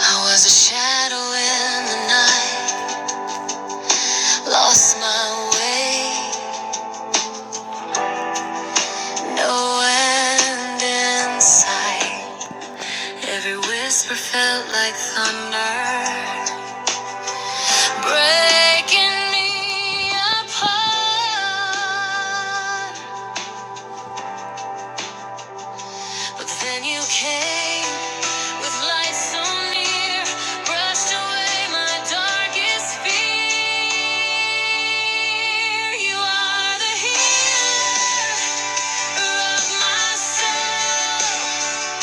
I was a shadow in the night, lost my way, no end in sight. Every whisper felt like thunder, breaking me apart. But then you came with light so near, brushed away my darkest fear. You are the healer of my soul,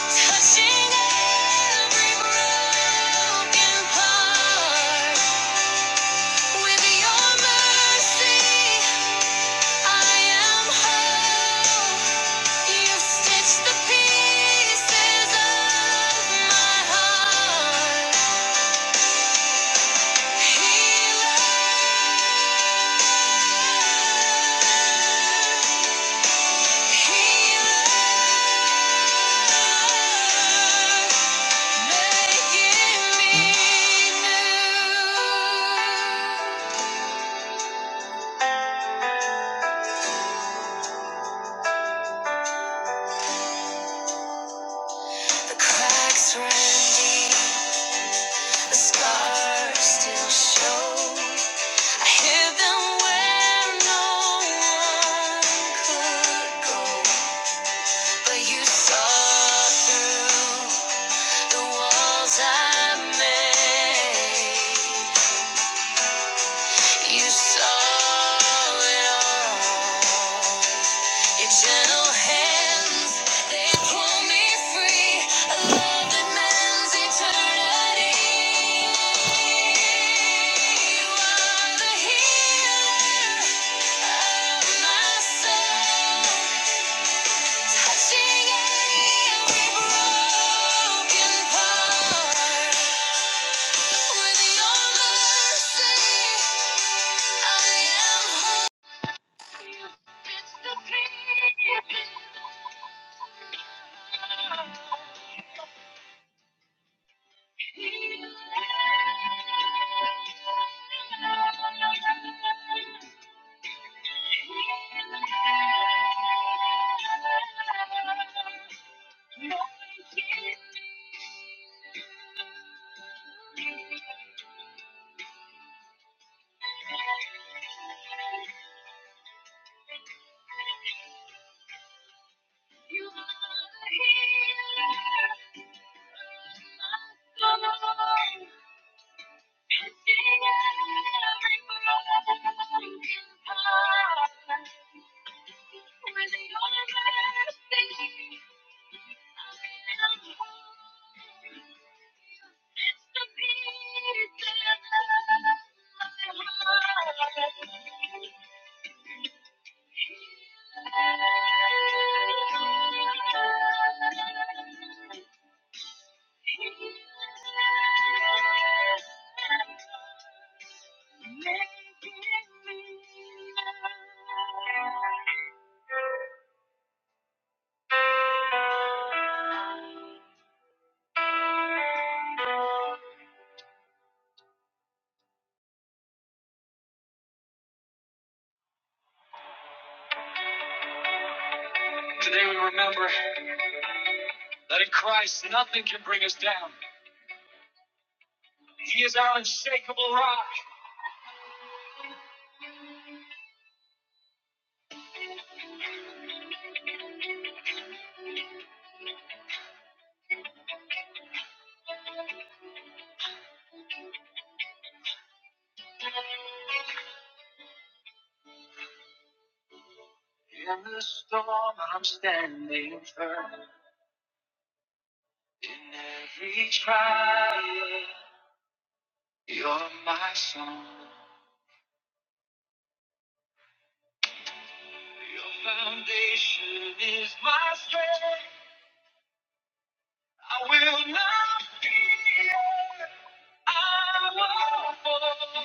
touching every broken part with your mercy. I am whole. you stitched the pieces of my heart. Healer, healer, making me new. The cracks ran deep. The scars still show. I hid them where no one could go. But you saw through the walls I made. You saw it all. Your gentle hands, they pull me free. A love that mends eternity. You are the healer of my soul, touching every broken part. With your mercy, I am whole. Today we remember. that in Christ nothing can bring us down. He is our unshakable rock. In the storm, I'm standing firm. In every trial, you're my song. Your foundation is my strength. I will not fear. I won't fall.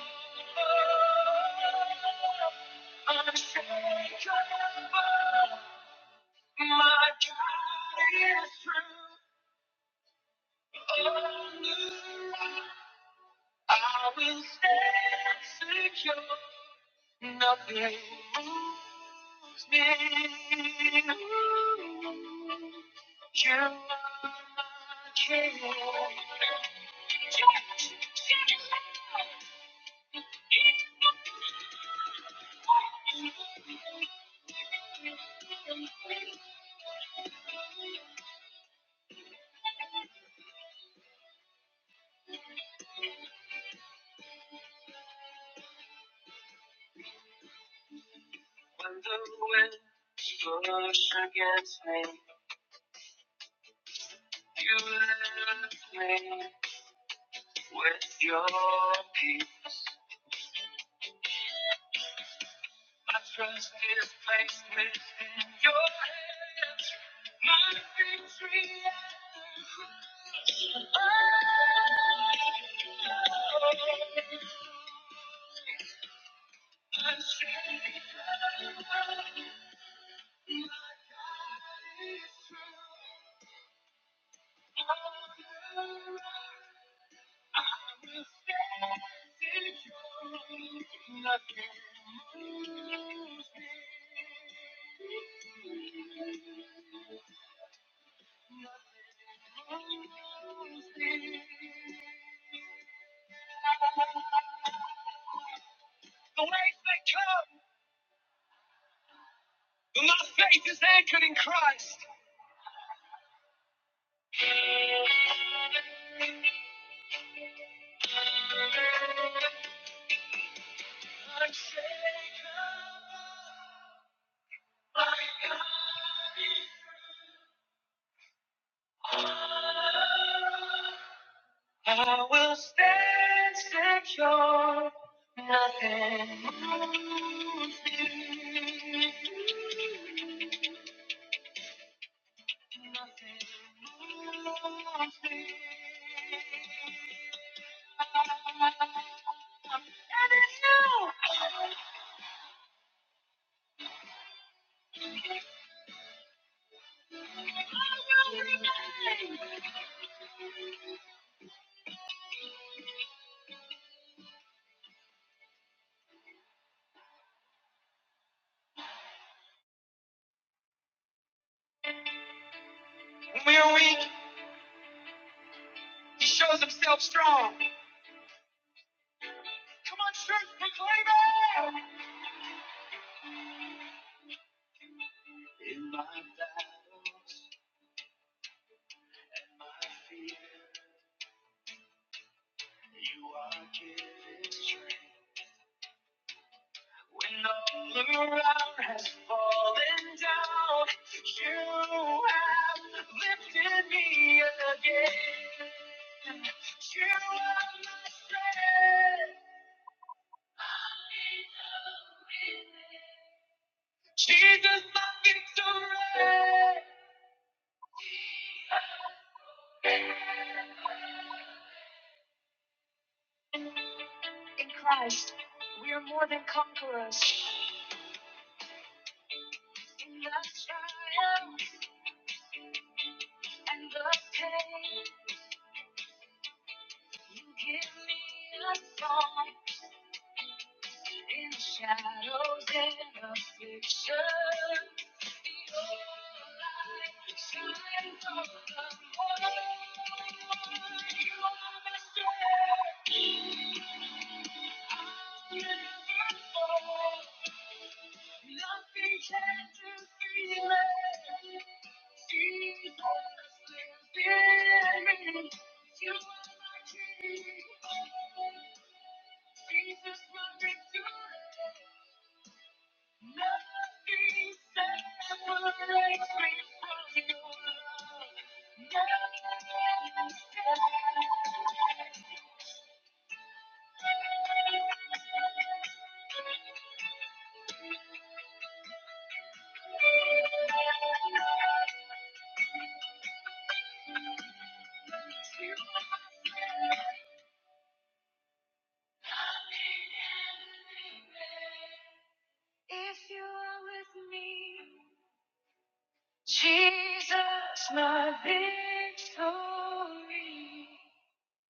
When the winds push against me, you lift me. With your peace, my trust is placed within your hands. My victory, the waves may come, but my faith is anchored in Christ. I will stand secure. When we are weak, He shows Himself strong. Come on, church, proclaim it! You are giving strength. When all around has fallen down, you have lifted me again. You are my strength. Jesus, my victory.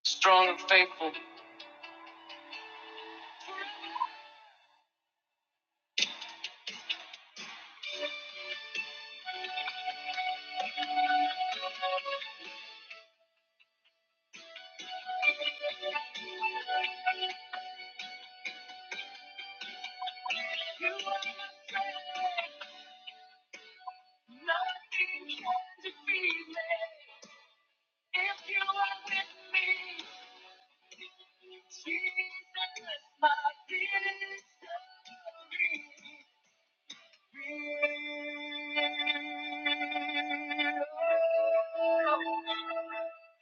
Strong and faithful.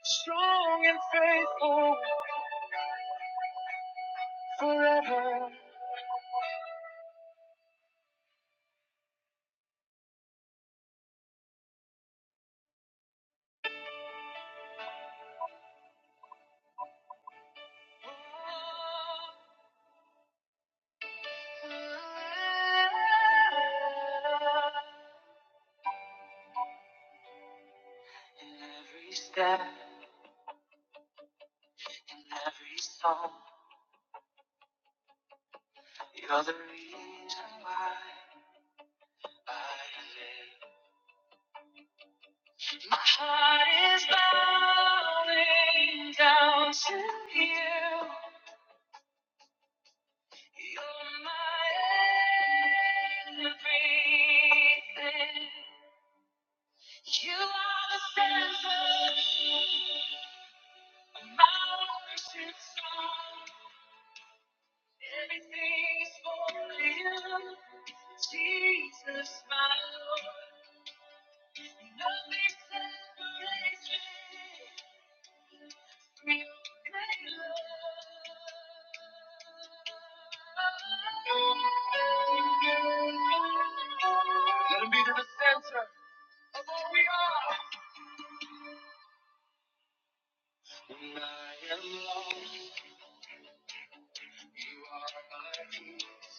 Strong and faithful forever. In every step, in every song. You're the reason why I live. My heart is bowing down to you. You're my everything. Let him be to the center. When I am lost, you are my peace.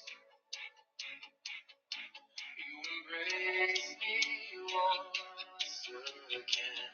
You embrace me once again.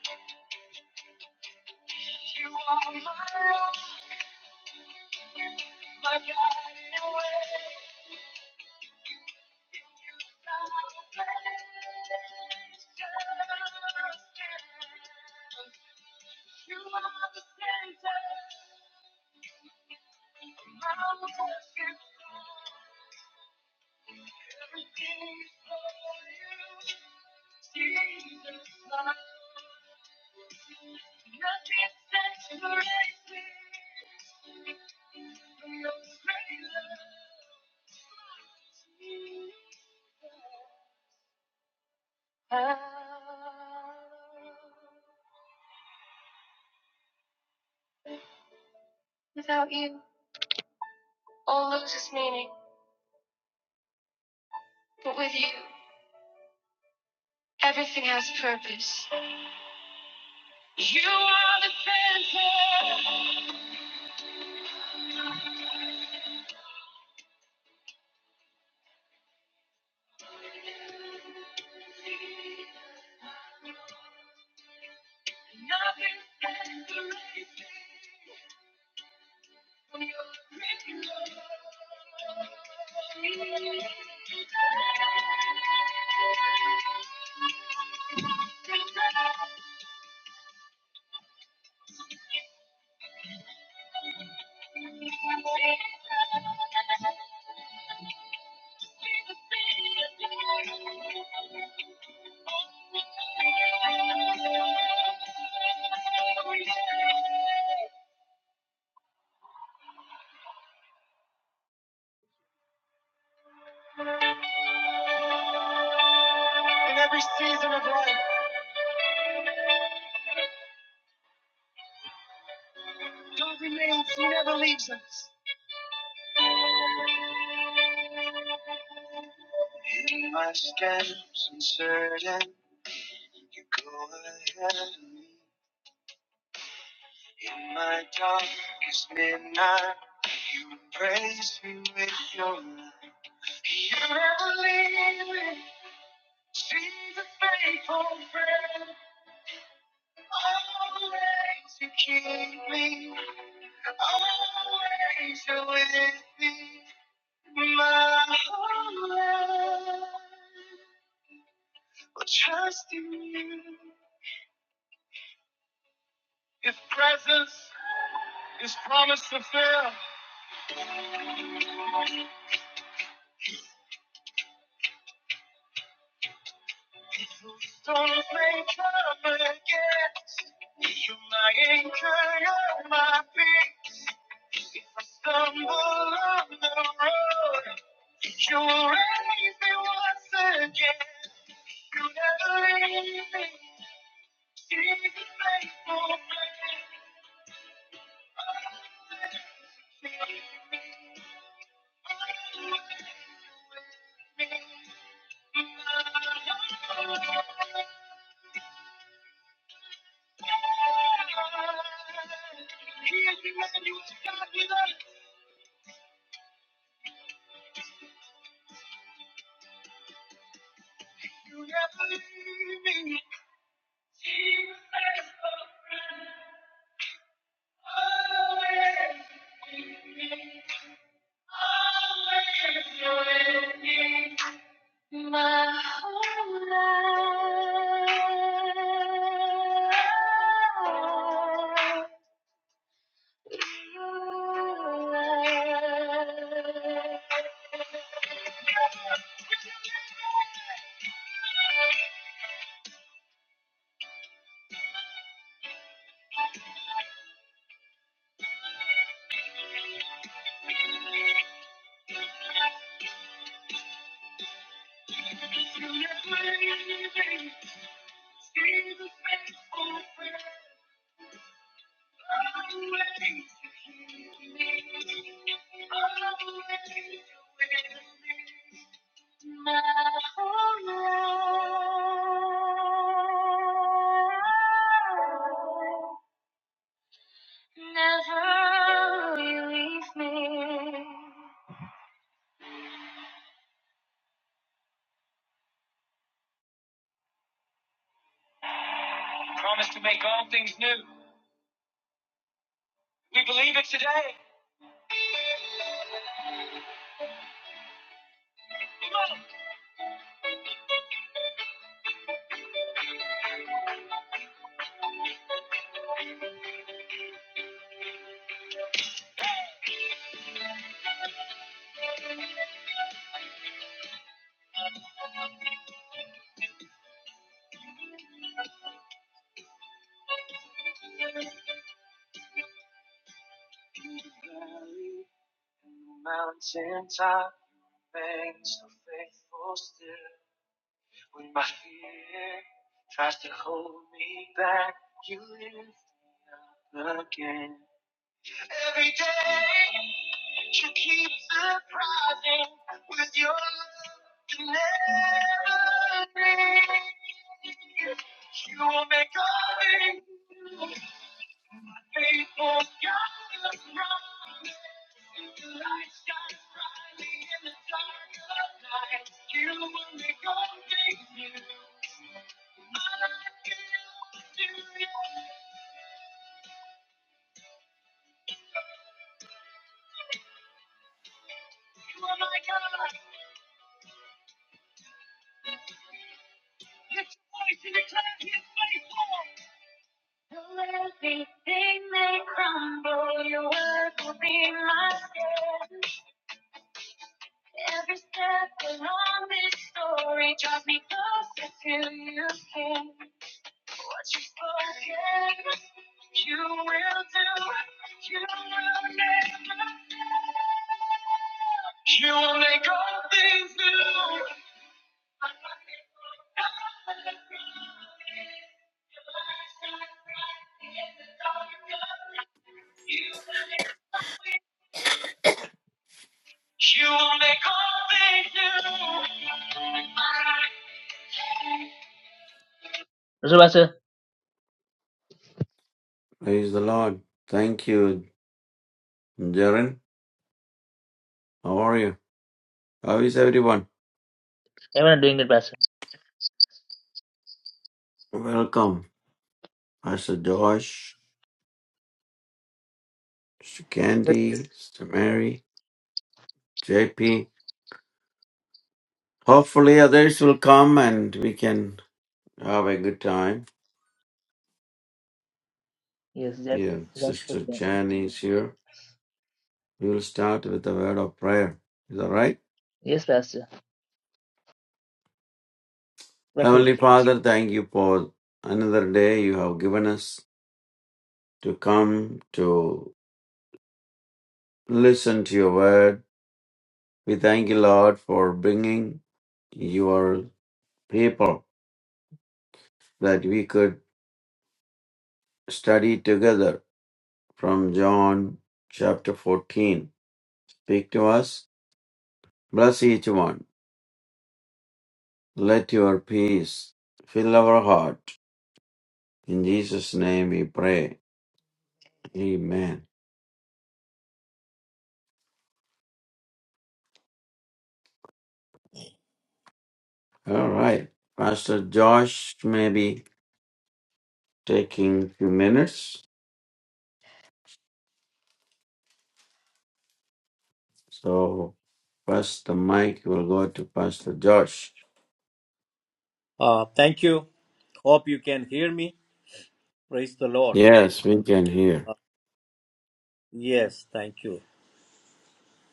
In every season of life, God remains. He never leaves us. In my scams uncertain, you go ahead of me. In my darkest midnight, you embrace me with your light. You never leave me. She's a faithful friend. Always you keep me. Always you're with me. My whole life. Well, trust in you. Your presence It's promised to fill. Don't make trouble again. You're my anchor, you're my peace. If I stumble on the road, you'll raise me once again. You never leave me. You're faithful. Promise to make all things new. We believe it today. Valley, and Mountain top, remain so faithful still. When my fear tries to hold me back, you lift me up again. Every day you keep surprising with your love you never leave. You will make you will make all things new. You will make all things new. Pastor, Pastor, Praise the Lord. Thank you, Jaren. How are you? How is everyone? everyone doing it, Pastor. Welcome, Pastor Josh, Sister Candy, Sister Mary, JP. Hopefully, others will come and we can have a good time Yes, Jack. here. Jack Sister Jan is here. We will start with a word of prayer. Is that right? Yes, Pastor. But he- Heavenly Father, thank you for another day you have given us to come to listen to your word We thank you, Lord, for bringing your people that we could study together from John chapter 14. Speak to us. Bless each one. Let your peace fill our heart. In Jesus' name we pray. Amen. All right. Pastor Josh may be taking a few minutes. So, first, the mic will go to Pastor Josh. Uh, thank you. Hope you can hear me. Praise the Lord. Yes, we can hear. Uh, yes, thank you.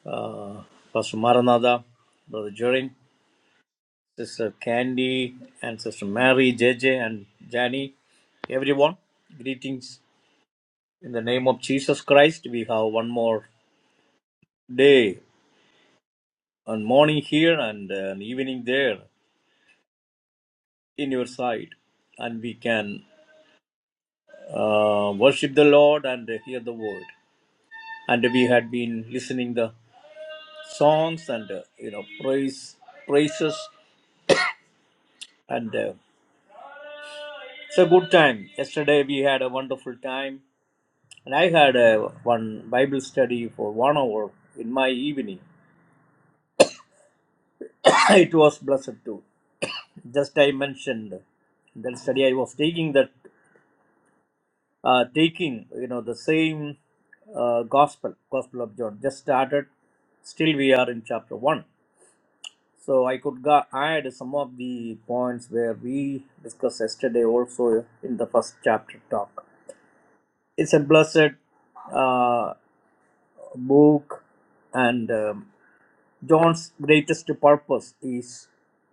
Uh, Pastor Maranatha, Brother Jorin, Sister Candy, and Sister Mary, J J and Jani, everyone, greetings. In the name of Jesus Christ, we have one more day and morning here and an evening there in your side. And we can uh, worship the Lord and hear the word. And we had been listening the songs and uh, you know praise praises and uh, it's a good time yesterday we had a wonderful time and i had uh, one bible study for one hour in my evening it was blessed too just i mentioned that study i was taking that uh, taking you know the same uh, gospel gospel of john just started still we are in chapter 1 So I could ga- add some of the points where we discussed yesterday also in the first chapter talk. It's a blessed uh, book, and um, John's greatest purpose is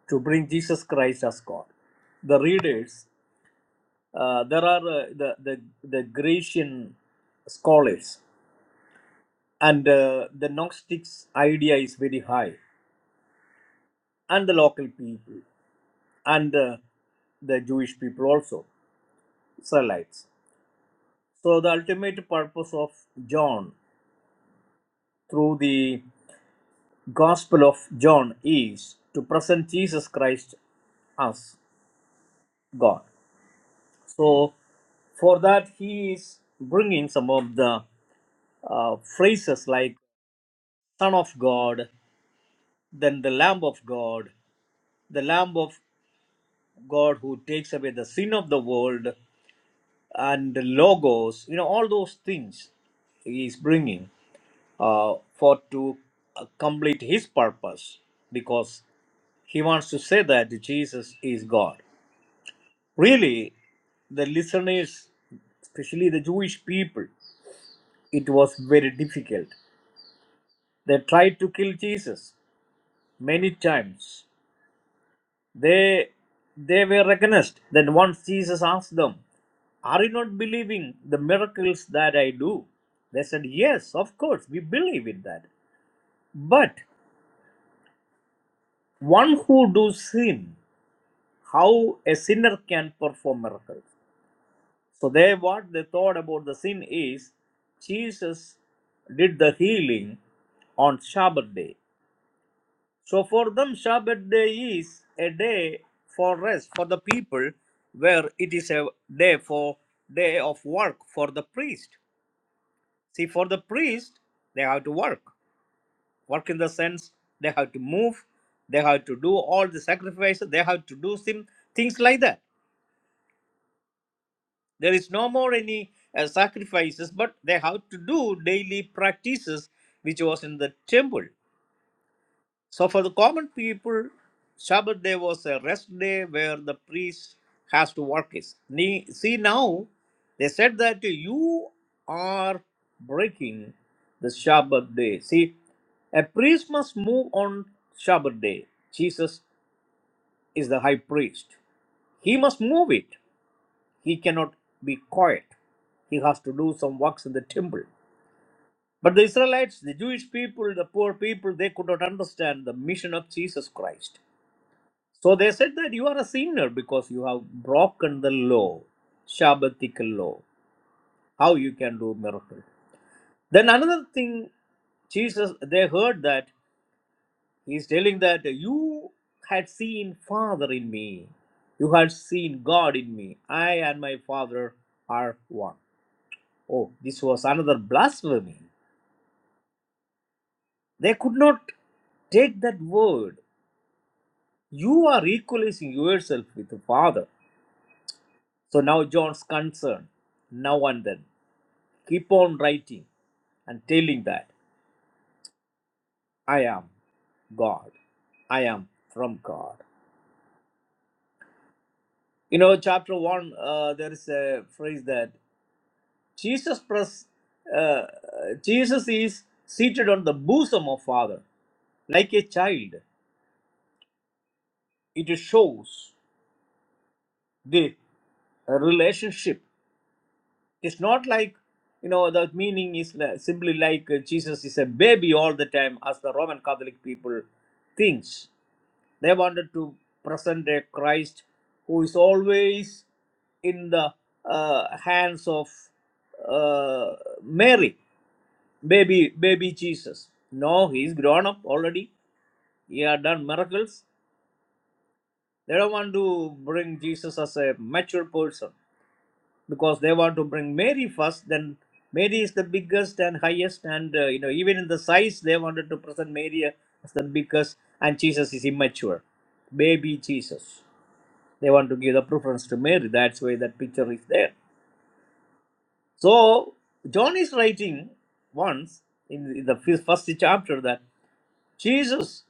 to bring Jesus Christ as God. The readers, uh, there are uh, the, the the Grecian scholars, and uh, the Gnostics' idea is very high, and the local people, and uh, the Jewish people also Israelites. So, the ultimate purpose of John through the Gospel of John is to present Jesus Christ as God. So, for that, he is bringing some of the uh, phrases like Son of God, then the Lamb of God, the Lamb of God who takes away the sin of the world, and the Logos, you know, all those things he is bringing. uh, for to uh, complete his purpose because he wants to say that jesus is god really the listeners especially the jewish people it was very difficult they tried to kill jesus many times they they were recognized. then once jesus asked them are you not believing the miracles that I do? They said, Yes, of course, we believe in that. But one who does sin how a sinner can perform miracles. So they what they thought about the sin is Jesus did the healing on Shabbat day. So for them Shabbat day is a day for rest for the people where it is a day for day of work for the priest. See for the priest they have to work. Work in the sense they have to move, they have to do all the sacrifices, they have to do some things like that There is no more any uh, sacrifices, but they have to do daily practices which was in the temple. So for the common people, Shabbat day was a rest day where the priest has to work it. Ne- See now, they said that you are breaking the Shabbat day. See, a priest must move on Shabbat day. Jesus is the high priest. He must move it. He cannot be quiet. He has to do some works in the temple. But the Israelites, the Jewish people, the poor people, they could not understand the mission of Jesus Christ. So they said that you are a sinner because you have broken the law, Shabbatical law. How you can do miracle? Then another thing, Jesus, they heard that he's telling that you had seen Father in me, you had seen God in me. I and my Father are one. Oh, this was another blasphemy. They could not take that word. You are equalizing yourself with the Father. So now John's concern, now and then, keep on writing and telling that I am God. I am from God. You know, chapter 1, uh, there is a phrase that Jesus, pres- uh, Jesus is seated on the bosom of Father like a child. It shows the relationship It's not like, you know, the meaning is li- simply like uh, Jesus is a baby all the time, as the Roman Catholic people thinks. They wanted to present a Christ who is always in the uh, hands of uh, Mary, baby, baby Jesus. No, he is grown up already. He had done miracles. They don't want to bring Jesus as a mature person because they want to bring Mary first. Then Mary is the biggest and highest, and uh, you know even in the size they wanted to present Mary as the biggest, and Jesus is immature, baby Jesus. They want to give the preference to Mary. That's why that picture is there. So John is writing once in in the fir- first chapter that Jesus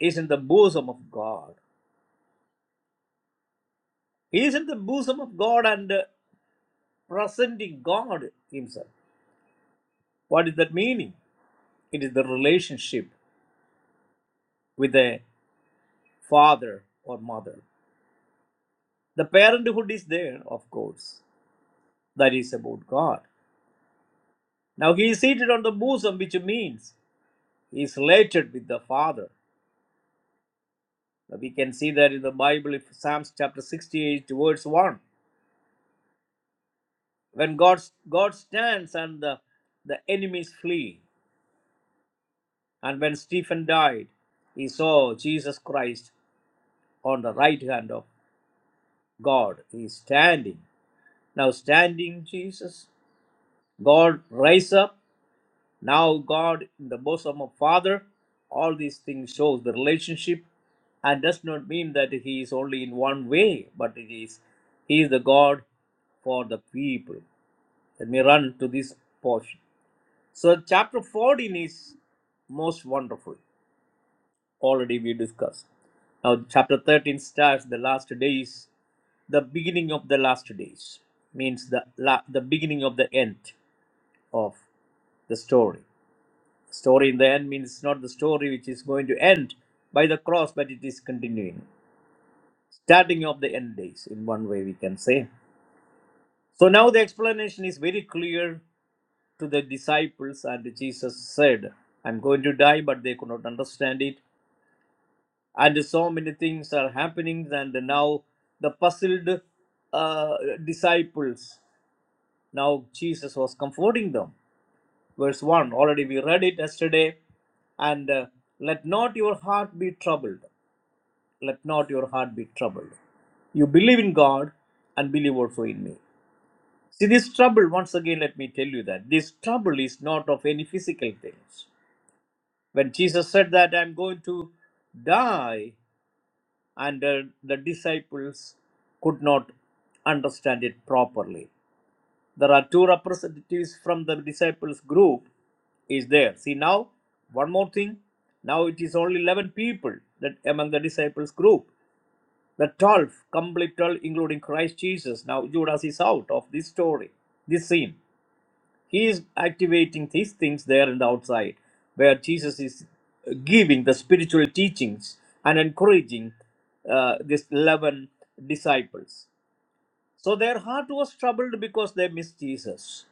is in the bosom of God. He is in the bosom of God and uh, presenting God Himself. What is that meaning? It is the relationship. with a father or mother. The parenthood is there, of course. That is about God. Now he is seated on the bosom, which means he is related with the Father. Now, we can see that in the Bible, if Psalms chapter 68, verse 1. When God, God stands and the, the enemies flee. And when Stephen died, he saw Jesus Christ on the right hand of God. He is standing. Now, standing Jesus, God rise up Now God in the bosom of Father, all these things shows the relationship and does not mean that he is only in one way, but it is he is the God for the people. Let me run to this portion. So chapter 14 is most wonderful. Already we discussed. Now chapter 13 starts the last days, the beginning of the last days means the la- the beginning of the end of the story. Story in the end means not the story which is going to end by the cross, but it is continuing. Starting of the end days, in one way we can say. So now the explanation is very clear to the disciples, and Jesus said, I'm going to die, but they could not understand it. And so many things are happening, and now the puzzled uh, disciples, now Jesus was comforting them. Verse 1, already we read it yesterday, and uh, let not your heart be troubled. let not your heart be troubled. You believe in God and believe also in me. See, this trouble, once again, let me tell you that this trouble is not of any physical things. When Jesus said that I'm going to die, and uh, the disciples could not understand it properly. There are two representatives from the disciples group is there. See now, one more thing. Now it is only 11 people that among the disciples group. The 12 complete 12, including Christ Jesus. Now, Judas is out of this story, this scene. He is activating these things there in the outside, where Jesus is giving the spiritual teachings and encouraging uh, these 11 disciples. So, their heart was troubled because they missed Jesus.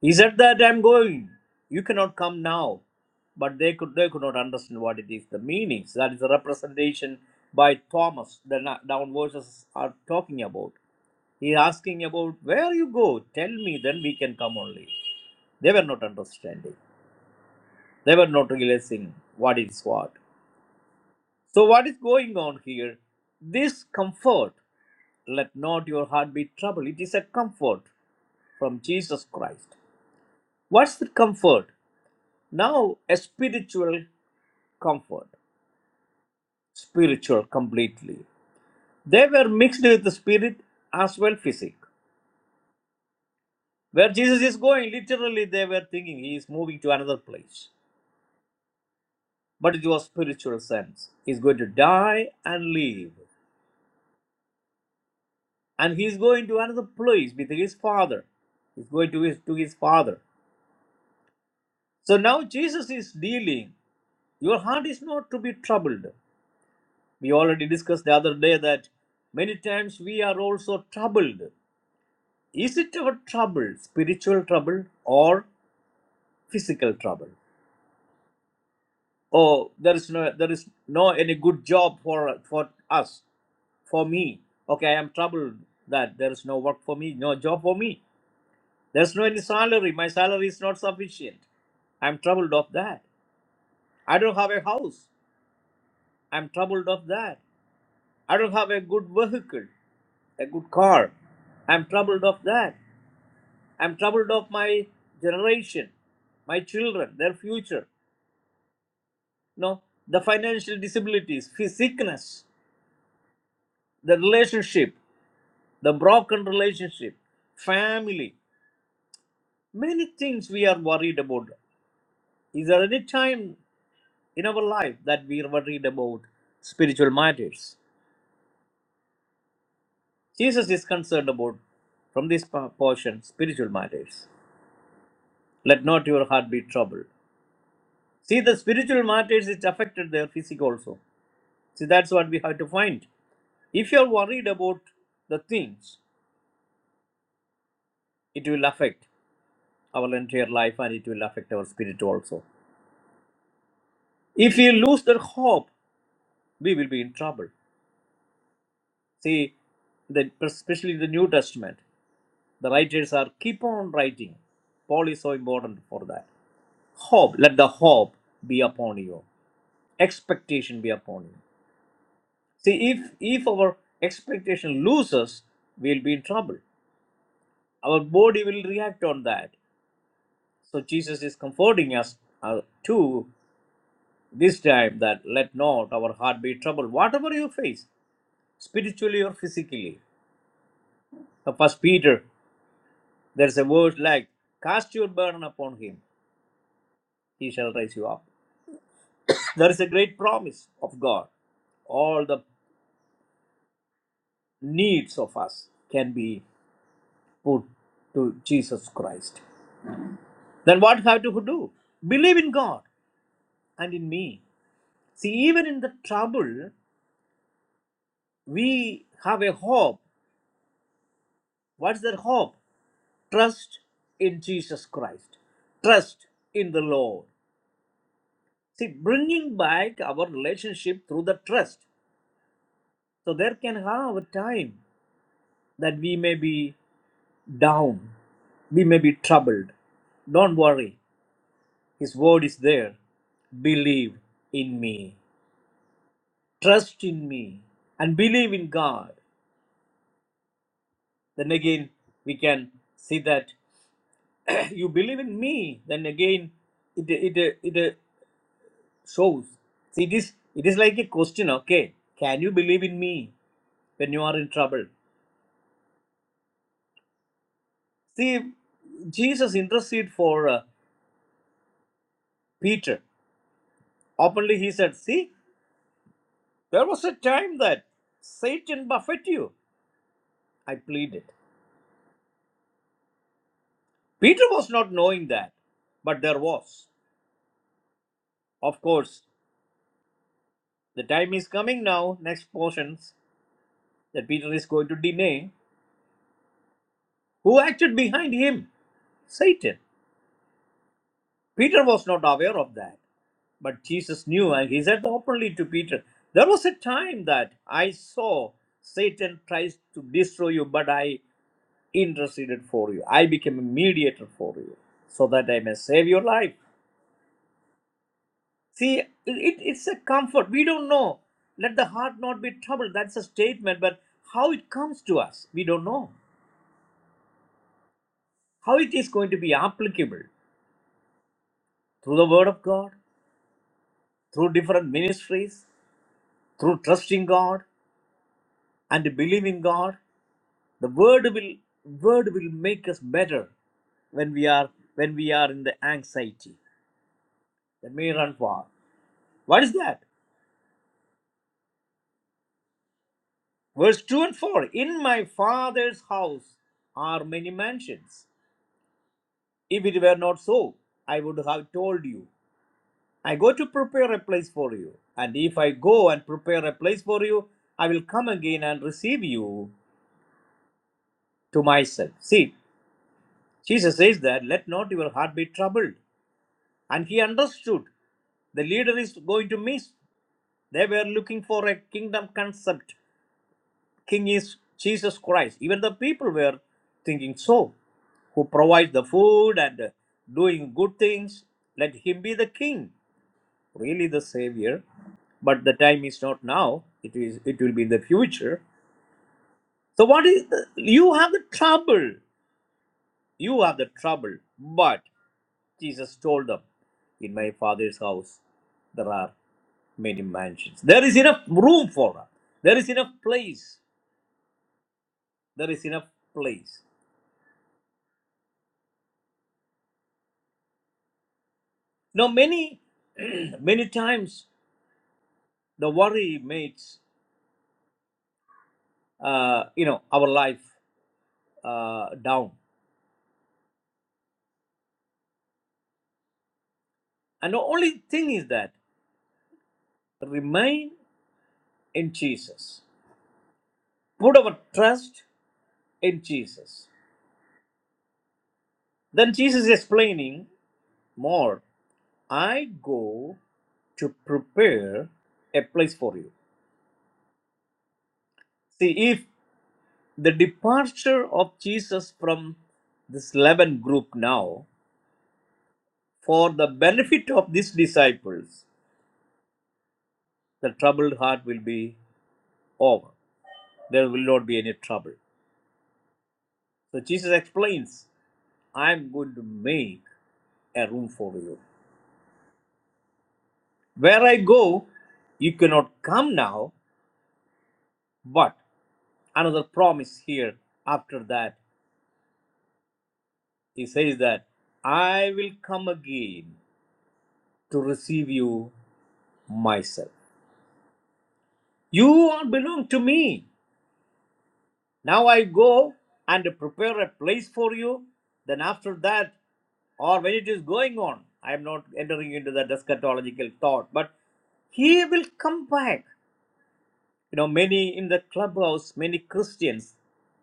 He said that I'm going. You cannot come now. But they could they could not understand what it is. The meanings that is the representation by Thomas. The down verses are talking about. He is asking about where you go. Tell me, then we can come only. They were not understanding. They were not realizing what is what. So what is going on here? This comfort. Let not your heart be troubled. It is a comfort from Jesus Christ. What's the comfort? Now, a spiritual comfort, spiritual completely. They were mixed with the spirit as well physic. Where Jesus is going, literally they were thinking he is moving to another place. But it was spiritual sense. He is going to die and live. And he is going to another place with his father. He's going to his to his father. So now Jesus is dealing. Your heart is not to be troubled. We already discussed the other day that many times we are also troubled is it our trouble spiritual trouble or physical trouble oh there is no there is no any good job for for us for me okay i am troubled that there is no work for me no job for me there's no any salary my salary is not sufficient i'm troubled of that i don't have a house i'm troubled of that i don't have a good vehicle a good car i'm troubled of that i'm troubled of my generation my children their future No, the financial disabilities, sickness, the relationship, the broken relationship, family, many things we are worried about. Is there any time in our life that we are worried about spiritual matters? Jesus is concerned about, from this po- portion, spiritual matters. Let not your heart be troubled. See, the spiritual matters, it affected their physic also. See, that's what we have to find. If you are worried about the things, it will affect. our entire life and it will affect our spirit also. If we lose that hope, we will be in trouble. See, the, especially in the New Testament, the writers are keep on writing. Paul is so important for that. Hope, let the hope be upon you. Expectation be upon you. See, if if our expectation loses, we'll be in trouble. Our body will react on that. So Jesus is comforting us uh, too. This time that let not our heart be troubled, whatever you face, spiritually or physically. So first Peter, there's a word like cast your burden upon him, he shall raise you up. There is a great promise of God. All the needs of us can be put to Jesus Christ. Then what have to do? Believe in God and in me. See, even in the trouble, we have a hope. What's that hope? trust in Jesus Christ, trust in the Lord. See, bringing back our relationship through the trust. So there can have a time that we may be down, we may be troubled. Don't worry, His word is there. Believe in me, trust in me, and believe in God. Then again, we can see that you believe in me. Then again, it, it, it, shows. See, it is it is like a question. Okay, can you believe in me when you are in trouble? See, Jesus interceded for uh, Peter openly. He said, "See, there was a time that Satan buffeted you." I pleaded. Peter was not knowing that, but there was. Of course, the time is coming now. Next portions that Peter is going to deny. Who acted behind him? Satan. Peter was not aware of that. But Jesus knew, and he said openly to Peter, There was a time that I saw Satan tries to destroy you, but I interceded for you. I became a mediator for you so that I may save your life. See, it, it- it's a comfort. We don't know. Let the heart not be troubled. That's a statement, but how it comes to us, we don't know. How it is going to be applicable through the Word of God, through different ministries, through trusting God and believing God. the word will word will make us better when we are when we are in the anxiety that may run far what is that verse 2 and 4 in my father's house are many mansions if it were not so i would have told you i go to prepare a place for you and if i go and prepare a place for you i will come again and receive you to myself see jesus says that let not your heart be troubled and he understood the leader is going to miss They were looking for a kingdom concept. King is Jesus Christ. Even the people were thinking so. Who provides the food and uh, doing good things, let him be the king, really the savior. But the time is not now. It is. It will be in the future. So what is? The, you have the trouble. You have the trouble. But Jesus told them, "In my Father's house, there are many mansions. There is enough room for us. There is enough place. there is enough place. Now, many many times the worry makes uh, you know our life uh, down, and the only thing is that remain in Jesus. Put our trust in Jesus. Then Jesus is explaining more. I go to prepare a place for you. See, if the departure of Jesus from this 11 group now for the benefit of these disciples, the troubled heart will be over. There will not be any trouble. So Jesus explains, I am going to make a room for you. Where I go, you cannot come now, but another promise here after that, he says that I will come again to receive you myself. You all belong to me. Now I go and prepare a place for you. Then after that, or when it is going on, I am not entering into that eschatological thought, but he will come back. You know, many in the clubhouse, many Christians,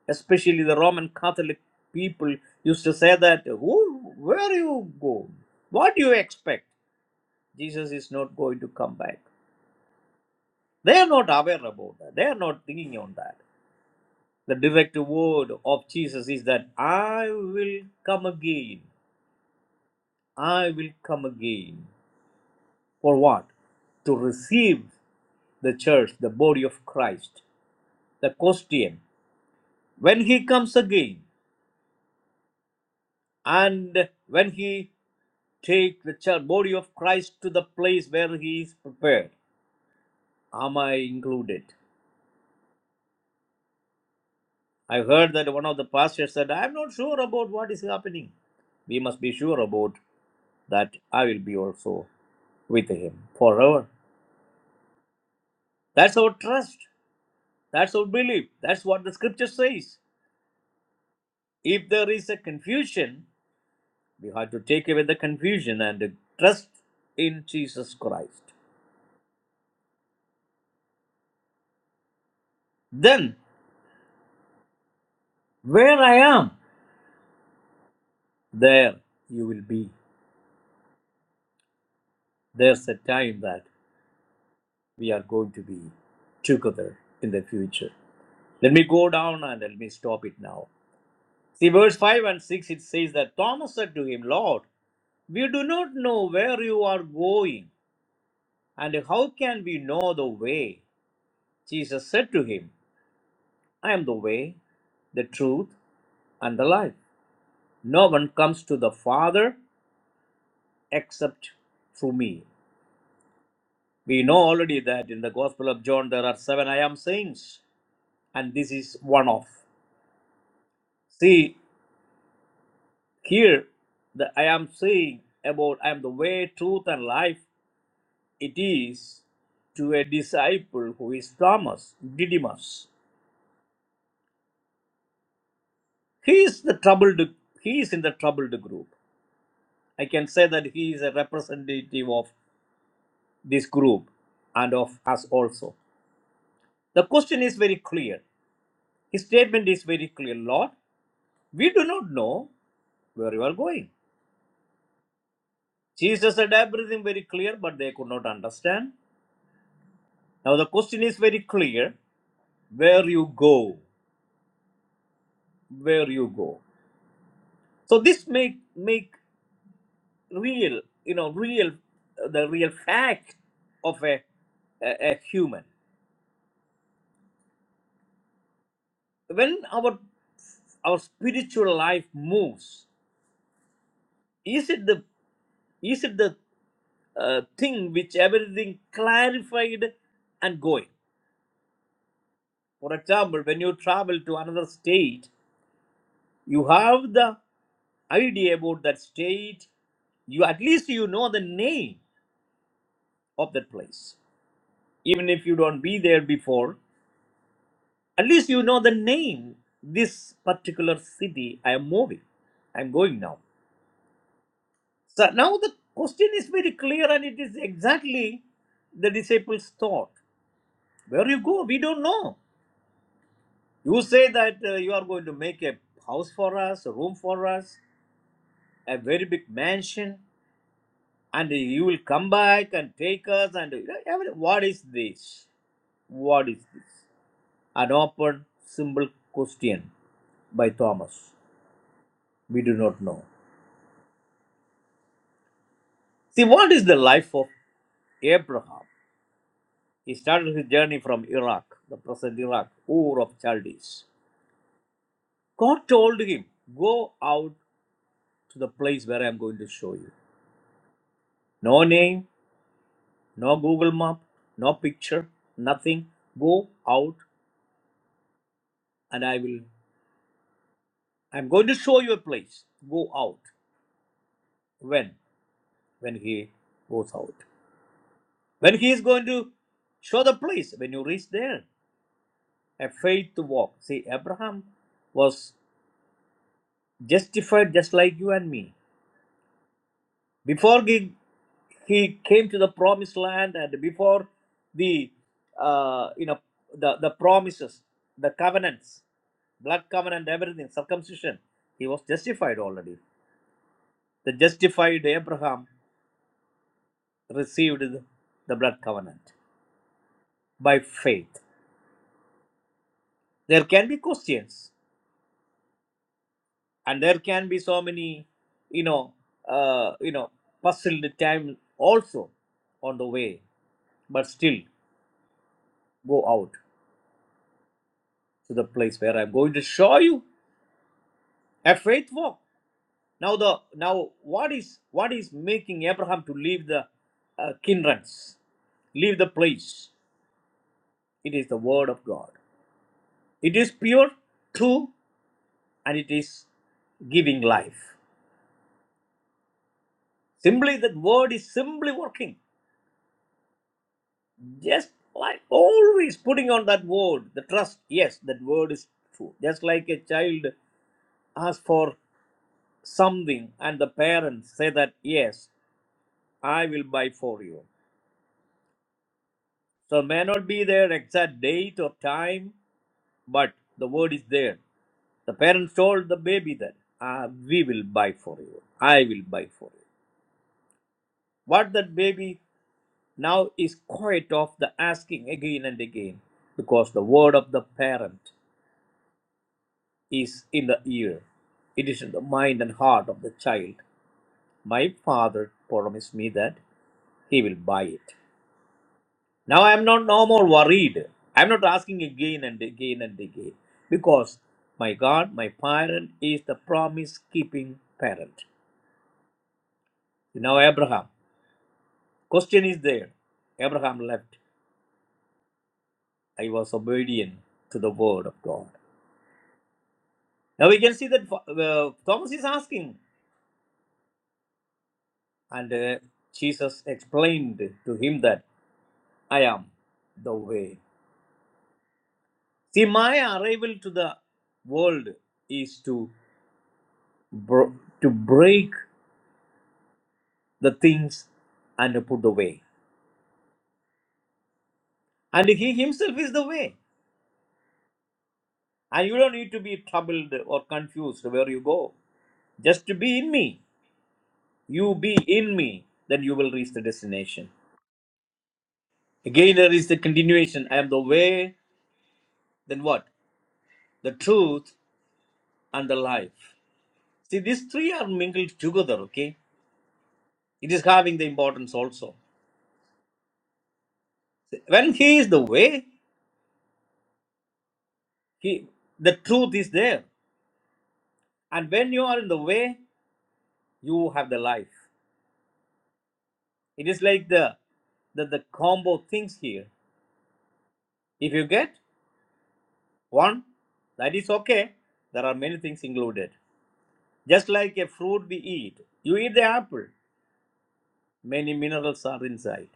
especially the Roman Catholic people, used to say that, Who, where you go? What do you expect? Jesus is not going to come back. They are not aware about that. They are not thinking on that. The direct word of Jesus is that I will come again. I will come again. For what? To receive the church, the body of Christ, the Christian. When he comes again, and when he takes the church, body of Christ to the place where he is prepared, am I included? I heard that one of the pastors said, I'm not sure about what is happening we must be sure about that I will be also with him forever. That's our trust. That's our belief. That's what the scripture says. If there is a confusion, we have to take away the confusion and trust in Jesus Christ. Then, where I am, there you will be. There's a time that we are going to be together in the future. Let me go down and let me stop it now. See, verse 5 and 6 it says that Thomas said to him, Lord, we do not know where you are going, and how can we know the way? Jesus said to him, I am the way, the truth, and the life. No one comes to the Father except through me. We know already that in the Gospel of John there are seven I am sayings, and this is one of. See, here the I am saying about I am the way, truth, and life, it is to a disciple who is Thomas, Didymus. He is the troubled, he is in the troubled group. I can say that he is a representative of this group and of us also. The question is very clear. His statement is very clear. Lord, we do not know where you are going. Jesus said everything very clear, but they could not understand. Now the question is very clear. Where you go, where you go. So this make make real, you know, real the real fact of a, a, a human. When our our spiritual life moves, is it the is it the uh, thing which everything clarified and going. For example, when you travel to another state, you have the idea about that state. You at least you know the name of that place, even if you don't be there before. At least you know the name. This particular city I am moving. I am going now. So now the question is very clear, and it is exactly the disciples' thought. Where you go, we don't know. You say that uh, you are going to make a house for us, a room for us, a very big mansion, and you will come back and take us. And you know, every- what is this? What is this? An open, simple question by Thomas. We do not know. See, what is the life of Abraham? He started his journey from Iraq, the present Iraq, Ur of Chaldees. God told him, Go out to the place where I am going to show you. No name, no google map no picture nothing go out and i will i'm going to show you a place go out when when he goes out when he is going to show the place when you reach there a faith to walk see abraham was justified just like you and me before he, he came to the promised land and before the uh, you know the, the promises the covenants blood covenant, everything, circumcision. He was justified already. The justified Abraham received the blood covenant by faith. There can be questions, and there can be so many, you know, uh, you know, puzzled time also on the way. But still, go out to the place where I'm going to show you a faith walk. Now the now what is what is making Abraham to leave the uh, kindreds, leave the place? It is the Word of God. It is pure, true, and it is giving life. Simply, that Word is simply working. Just like always putting on that Word, the trust. Yes, that Word is true. Just like a child asks for something, and the parents say that, Yes, I will buy for you. So, may not be their exact date or time, but the Word is there. The parents told the baby that, ah, We will buy for you. I will buy for you. What that baby now is quite of the asking again and again because the word of the parent is in the ear. It is in the mind and heart of the child. My father promised me that he will buy it. Now I am not no more worried. I am not asking again and again and again because my God, my parent is the promise keeping parent. Now Abraham, question is there. Abraham left. I was obedient to the word of God. Now we can see that uh, Thomas is asking, and uh, Jesus explained to him that I am the way. See, my arrival to the world is to br- to break the things and to put the way. And he himself is the way. And you don't need to be troubled or confused where you go. Just to be in me. You be in me, then you will reach the destination. Again, there is the continuation. I am the way, then what? The truth and the life. See, these three are mingled together, okay? It is having the importance also. When He is the way, he, the truth is there. And when you are in the way, you have the life. It is like the, the, the combo things here. If you get one, that is okay. There are many things included. Just like a fruit we eat, you eat the apple, many minerals are inside.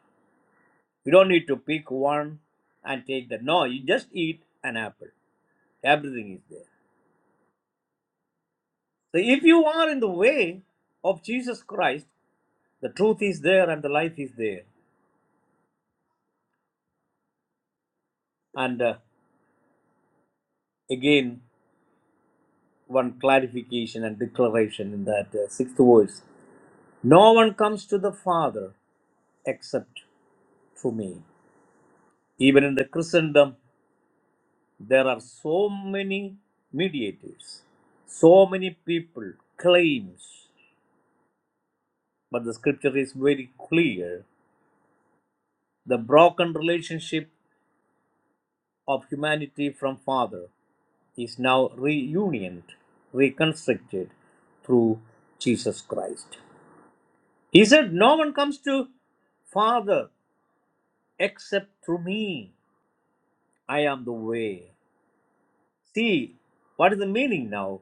You don't need to pick one and take that. No, you just eat an apple. Everything is there. So if you are in the way of Jesus Christ, the truth is there and the life is there. And uh, again, one clarification and declaration in that uh, sixth verse. No one comes to the Father except through me. Even in the Christendom, there are so many mediators, so many people, claims, but the scripture is very clear. The broken relationship of humanity from Father is now reunited, reconstructed through Jesus Christ. He said, No one comes to Father except through me. I am the way. See, what is the meaning now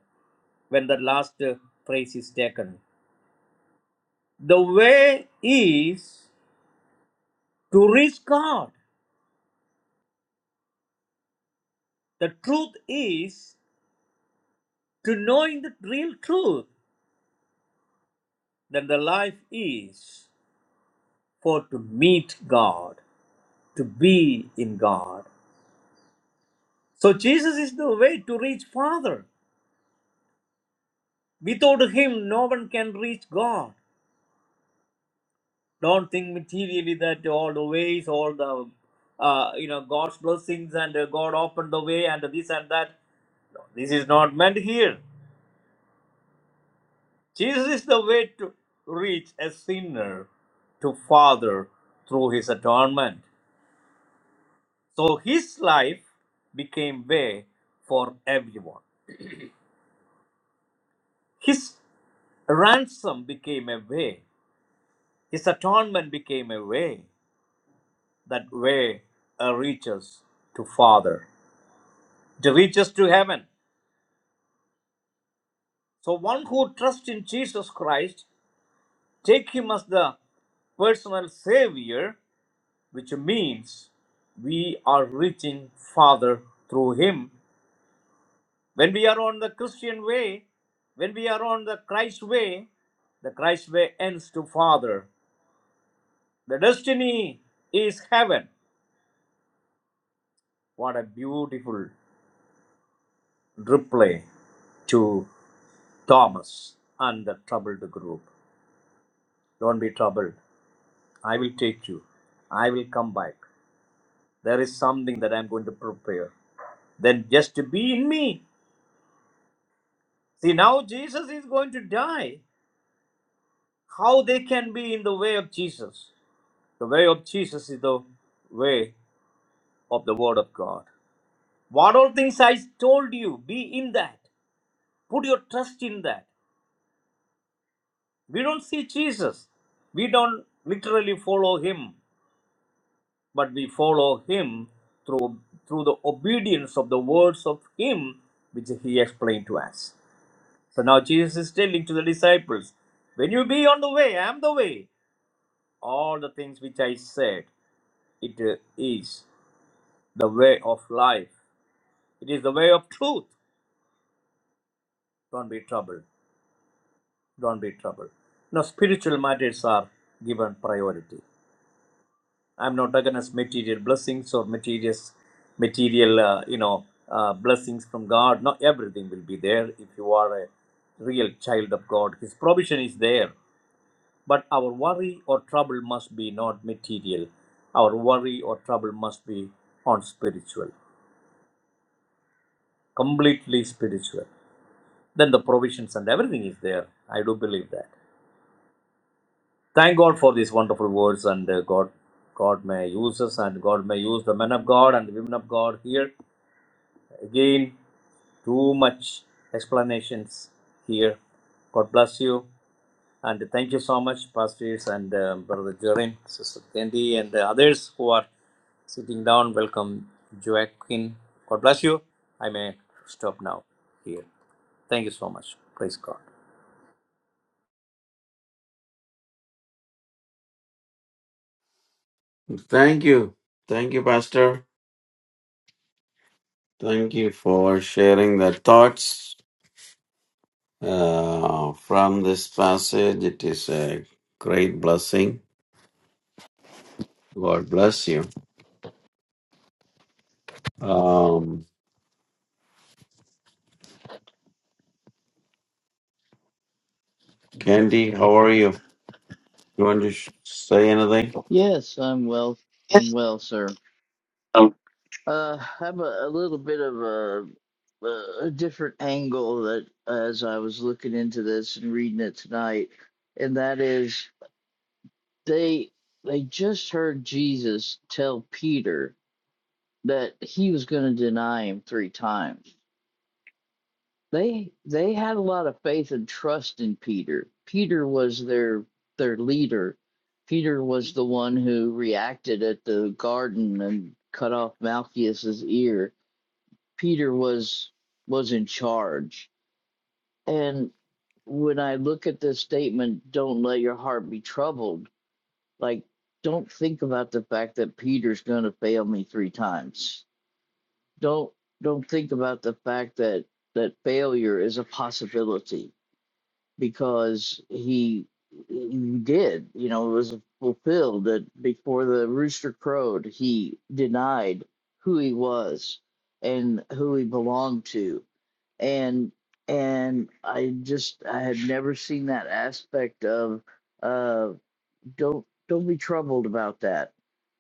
when the last uh, phrase is taken? The way is to reach God. The truth is to knowing the real truth. Then the life is for to meet God, to be in God, So Jesus is the way to reach Father. Without him, no one can reach God. Don't think materially that all the ways, all the uh, you know God's blessings and uh, God opened the way and this and that. This is not meant here. Jesus is the way to reach a sinner to Father through his atonement. So his life became way for everyone. His ransom became a way. His atonement became a way. that way uh, reaches to Father. It reaches to heaven. So one who trusts in Jesus Christ, take him as the personal savior, which means we are reaching Father through him. When we are on the Christian way, when we are on the Christ way, the Christ way ends to Father. The destiny is heaven. What a beautiful reply to Thomas and the troubled group. Don't be troubled. I will take you. I will come back. There is something that I'm going to prepare. Then just to be in me. See, now Jesus is going to die. How they can be in the way of Jesus? The way of Jesus is the way of the Word of God. What all things I told you, be in that. Put your trust in that. We don't see Jesus. We don't literally follow him. but we follow him through through the obedience of the words of him which he explained to us. So now Jesus is telling to the disciples, when you be on the way, I am the way. All the things which I said, it uh, is the way of life. It is the way of truth. Don't be troubled. Don't be troubled. Now spiritual matters are given priority. I'm not against material blessings or material, material, uh, you know, uh, blessings from God. Not everything will be there if you are a real child of God. His provision is there, but our worry or trouble must be not material. Our worry or trouble must be on spiritual, completely spiritual. Then the provisions and everything is there. I do believe that. Thank God for these wonderful words and uh, God, God may use us and God may use the men of God and the women of God here Again, too much explanations here. God bless you. And thank you so much, pastors and uh, Brother Jorin, Sister Candy, and the others who are sitting down. Welcome, Joaquin. God bless you. I may stop now here. Thank you so much. Praise God. Thank you. Thank you, Pastor. Thank you for sharing the thoughts uh, from this passage. It is a great blessing. God bless you. Um, Candy, how are you? You want to sh- say anything? Yes, I'm well. I'm well, sir. No. Uh, I have a, a little bit of a, a different angle that as I was looking into this and reading it tonight, and that is they they just heard Jesus tell Peter that he was going to deny him three times. they they had a lot of faith and trust in Peter. Peter was their their leader. Peter was the one who reacted at the garden and cut off Malchus's ear. Peter was was in charge. And when I look at this statement, don't let your heart be troubled, like don't think about the fact that Peter's gonna fail me three times. Don't don't think about the fact that that failure is a possibility because he he did you know it was fulfilled that before the rooster crowed he denied who he was and who he belonged to and and i just i had never seen that aspect of don't don't be troubled about that.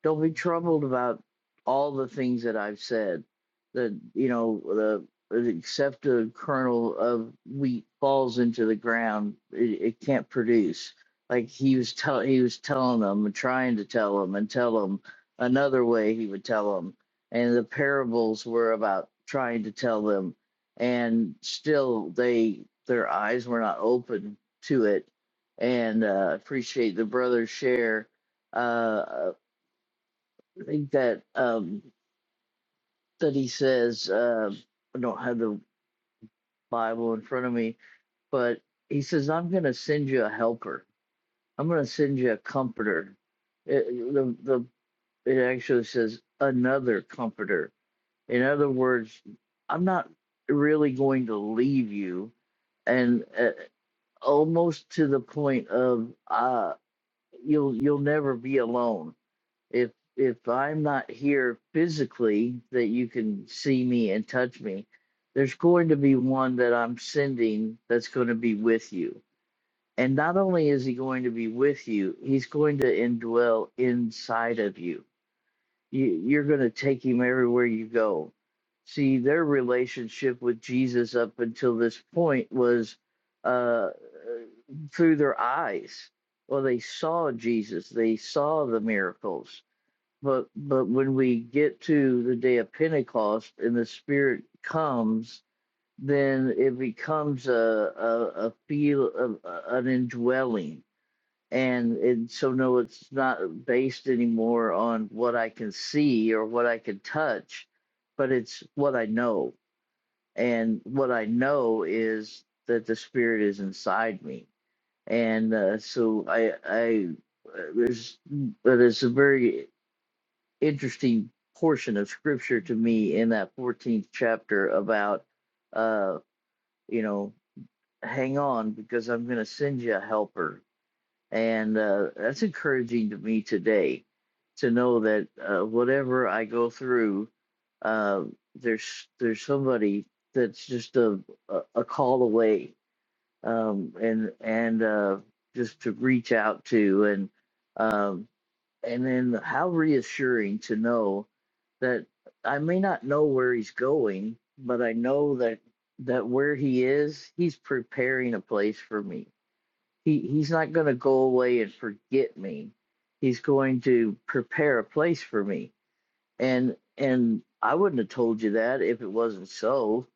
Don't be troubled about all the things that I've said. That you know the except a kernel of wheat falls into the ground, it, it can't produce. Like he was tell he was telling them and trying to tell them and tell them another way he would tell them, and the parables were about trying to tell them, and still they their eyes were not open to it and uh, appreciate the brother share. Uh, I think that um, that he says uh, I don't have the Bible in front of me, but he says I'm going to send you a helper. I'm going to send you a comforter. It, the the it actually says another comforter. In other words, I'm not really going to leave you, and uh, almost to the point of uh, you'll you'll never be alone if if I'm not here physically that you can see me and touch me, there's going to be one that I'm sending that's going to be with you. And not only is he going to be with you, he's going to indwell inside of you. you you're going to take him everywhere you go. See, their relationship with Jesus up until this point was uh, through their eyes. Well, they saw Jesus, they saw the miracles but but when we get to the day of Pentecost and the Spirit comes, then it becomes a a, a feel of a- an indwelling, and and so no, it's not based anymore on what I can see or what I can touch, but it's what I know, and what I know is that the Spirit is inside me, and uh, so I I uh, there's but it's a very interesting portion of scripture to me in that 14th chapter about uh you know hang on because i'm going to send you a helper and uh that's encouraging to me today to know that uh, whatever i go through uh there's there's somebody that's just a a, a call away um and and uh just to reach out to and um, and then how reassuring to know that I may not know where he's going, but I know that that where he is, he's preparing a place for me. He he's not going to go away and forget me. He's going to prepare a place for me. And and I wouldn't have told you that if it wasn't so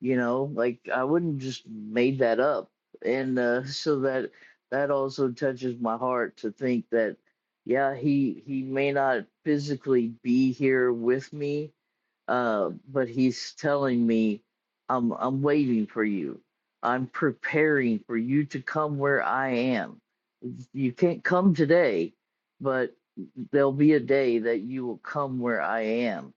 you know like i wouldn't just made that up and uh, so that that also touches my heart to think that yeah he he may not physically be here with me uh but he's telling me i'm i'm waiting for you i'm preparing for you to come where i am you can't come today but there'll be a day that you will come where i am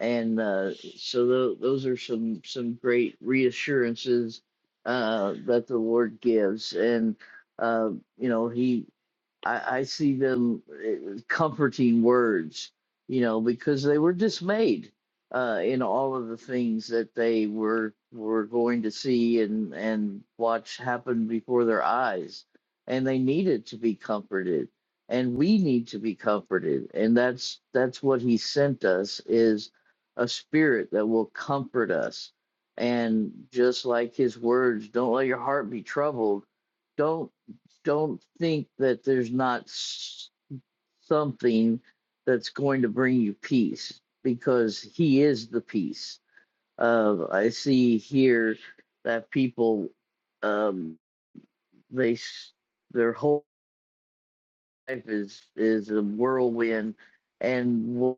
and uh, so tho- those are some some great reassurances uh, that the Lord gives, and uh, you know He I, I see them eh, comforting words, you know, because they were dismayed uh, in all of the things that they were were going to see and and watch happen before their eyes, and they needed to be comforted, and we need to be comforted, and that's that's what he sent us is a spirit that will comfort us, and just like his words, don't let your heart be troubled, don't don't think that there's not s- something that's going to bring you peace because he is the peace. Uh, I see here that people um, they s- their whole life is is a whirlwind and what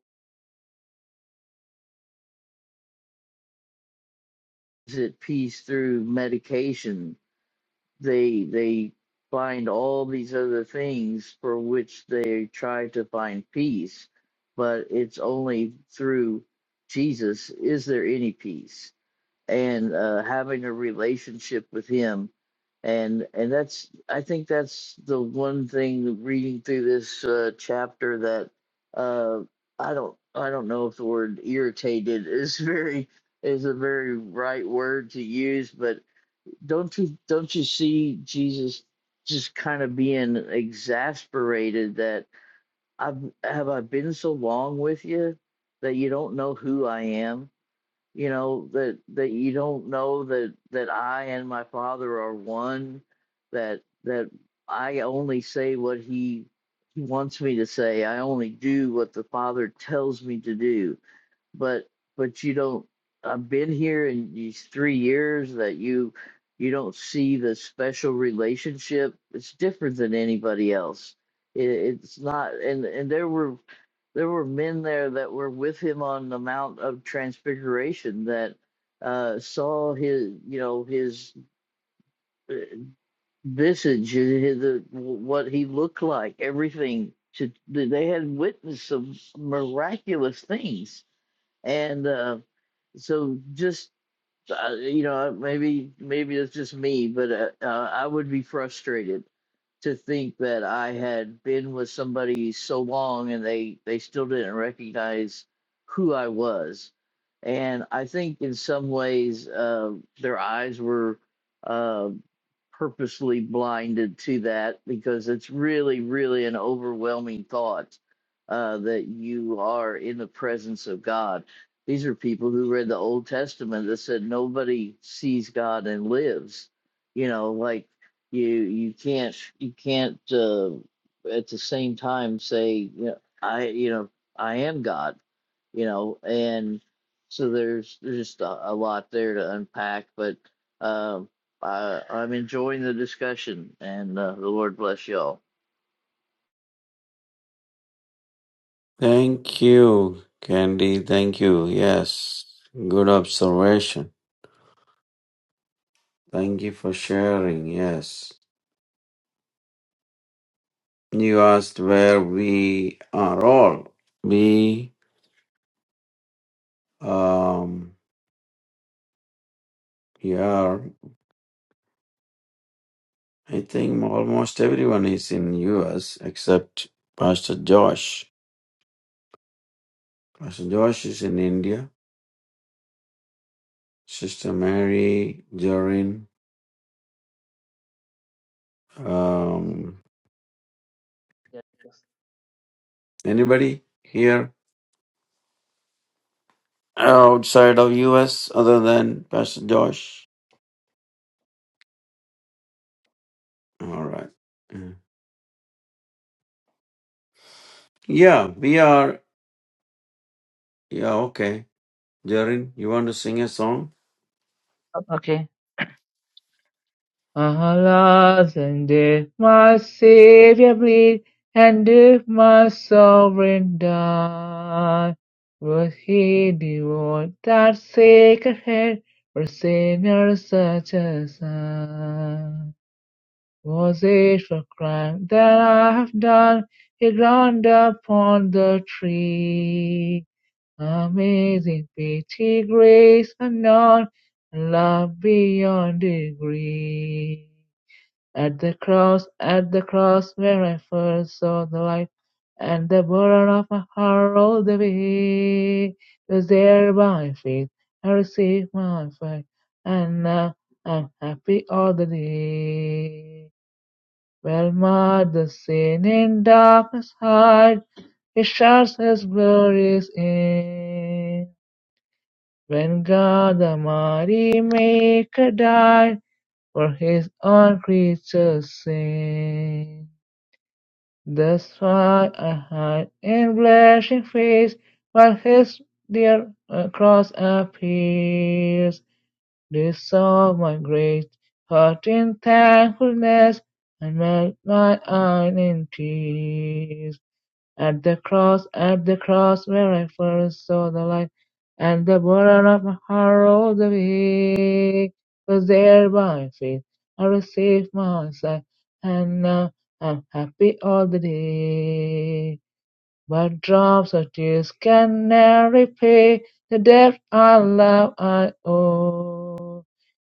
is it peace through medication they they find all these other things for which they try to find peace but it's only through jesus is there any peace and uh, having a relationship with him and and that's i think that's the one thing reading through this uh, chapter that uh, i don't i don't know if the word irritated is very is a very right word to use, but don't you don't you see Jesus just kind of being exasperated that I've have I been so long with you that you don't know who I am? You know, that that you don't know that that I and my father are one, that that I only say what he he wants me to say. I only do what the father tells me to do but but you don't i've been here in these three years that you you don't see the special relationship it's different than anybody else it, it's not and and there were there were men there that were with him on the mount of transfiguration that uh saw his you know his uh, visage his, his, the, what he looked like everything to, they had witnessed some miraculous things and uh, so just uh, you know uh, maybe maybe it's just me but uh, uh, i would be frustrated to think that i had been with somebody so long and they they still didn't recognize who i was and i think in some ways uh, their eyes were uh, purposely blinded to that because it's really really an overwhelming thought uh, that you are in the presence of god these are people who read the Old Testament that said nobody sees God and lives. You know, like you you can't you can't uh, at the same time say you know, I you know I am God. You know, and so there's there's just a, a lot there to unpack. But um, I, I'm enjoying the discussion, and uh, the Lord bless y'all. Thank you, Candy. Thank you. Yes. Good observation. Thank you for sharing. Yes. You asked where we are all. We. Um, Yeah, I think almost everyone is in US except Pastor Josh. Pastor Josh is in India. Sister Mary, Jorin, um, yes, yes. anybody here outside of US other than Pastor Josh? All right. Mm. Yeah, we are. Yeah, okay. Jorin, you want to sing a song? Okay. Alas, and did my Saviour bleed, and did my Sovereign die? Was he devoid that sacred head for sinners such as I? Was it for crime that I have done? He ground upon the tree. Amazing pity, grace unknown, love beyond degree. At the cross, at the cross where I first saw the light, and the burden of my heart rolled away. It was there by faith I received my faith, and now I'm happy all the day. Well, mother sin in darkness hide, He shines His glories in. When God the mighty Maker died for His own creatures' sin. That's why I hide in blushing face while his dear uh, cross appears. This saw my great heart in thankfulness and melt my eye in tears. At the cross, at the cross where I first saw the light, the burden of my heart all the way was there by faith. I received my sight, and now I'm happy all the day. But drops of tears can ne'er repay the debt of love I owe.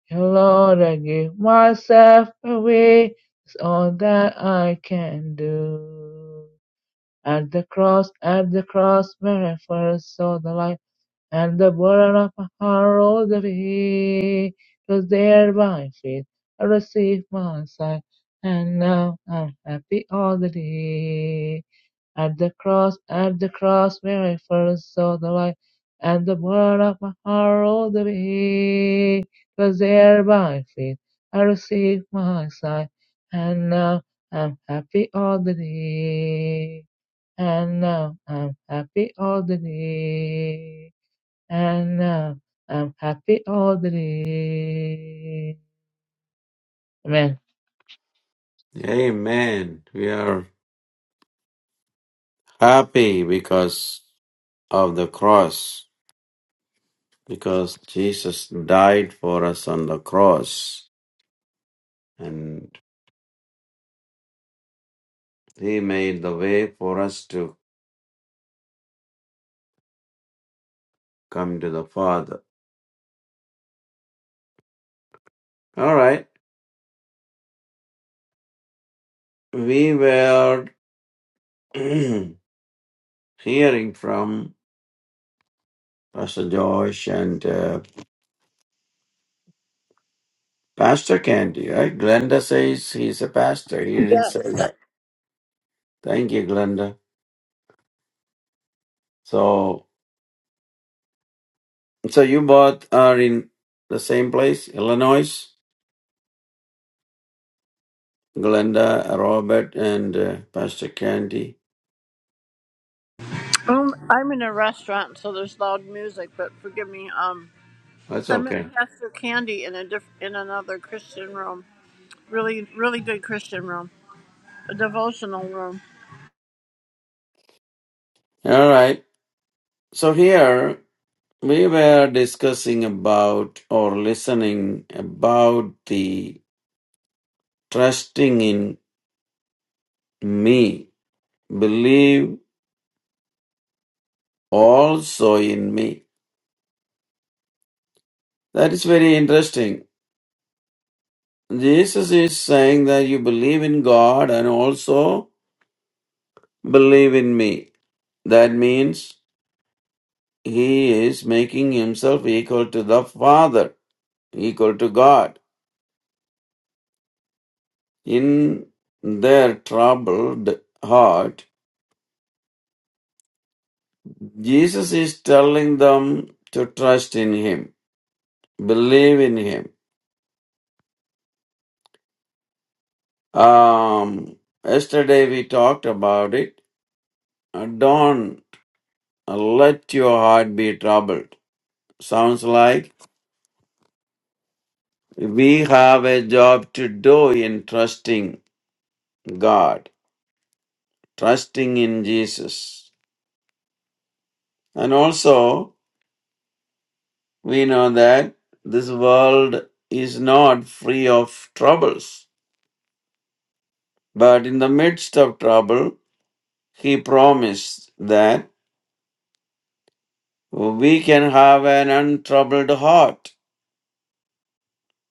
Dear Lord, I give myself away. It's all that I can do. At the cross, at the cross, where I first saw the light, and the burden of my heart rolled away. 'Twas there by faith I received my sight, and now I'm happy all the day. At the cross, at the cross, where I first saw the light, and the blood of my heart all the way. It was there by faith I received my sight, and now I'm happy all the day. And now I'm happy all the day. And now I'm happy all the day. Amen. Amen. We are happy because of the cross. because Jesus died for us on the cross and He made the way for us to come to the Father. All right, we were hearing from Pastor Josh and uh, Pastor Candy, right? Glenda says he's a pastor. He didn't say Yes. that. Thank you, Glenda. So, so you both are in the same place, Illinois. Glenda, Robert, and uh, Pastor Candy. Um, I'm in a restaurant, so there's loud music. But forgive me. Um, That's I met okay. Pastor Candy in a diff- in another Christian room. Really, really good Christian room, a devotional room. All right. So here we were discussing about or listening about the trusting in me, believe also in me. That is very interesting. Jesus is saying that you believe in God and also believe in me. That means he is making himself equal to the Father, equal to God. In their troubled heart, Jesus is telling them to trust in Him, believe in Him. Um, yesterday we talked about it. Uh, Don't let your heart be troubled. Sounds like we have a job to do in trusting God, trusting in Jesus. And also, we know that this world is not free of troubles, but in the midst of trouble, He promised that. We can have an untroubled heart.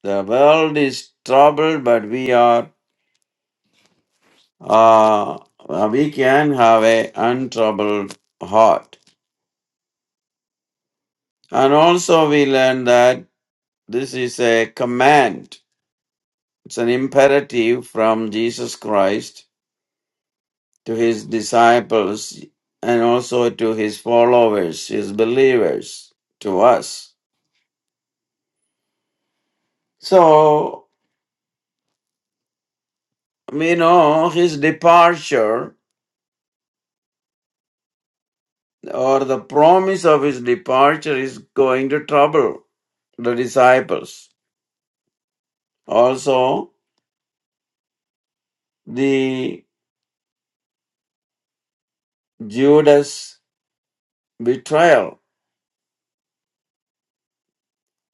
The world is troubled, but we are, uh, uh, we can have a untroubled heart. And also we learn that this is a command. It's an imperative from Jesus Christ to his disciples and also to his followers, his believers, to us. So we know his departure or the promise of his departure is going to trouble the disciples. Also, the Judas betrayal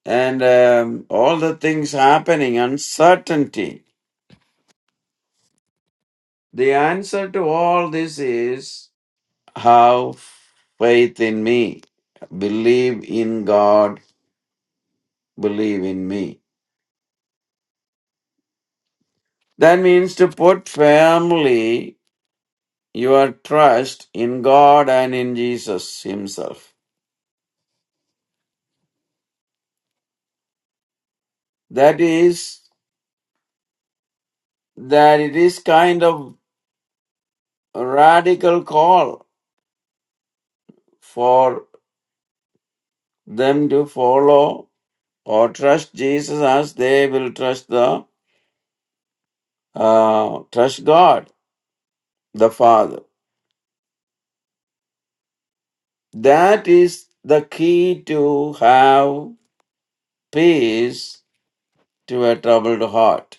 and um, all the things happening, uncertainty. The answer to all this is have faith in me, believe in God, believe in me. That means to put firmly your trust in God and in Jesus Himself. That is, that it is kind of a radical call for them to follow or trust Jesus as they will trust the uh, trust God the Father. That is the key to have peace to a troubled heart.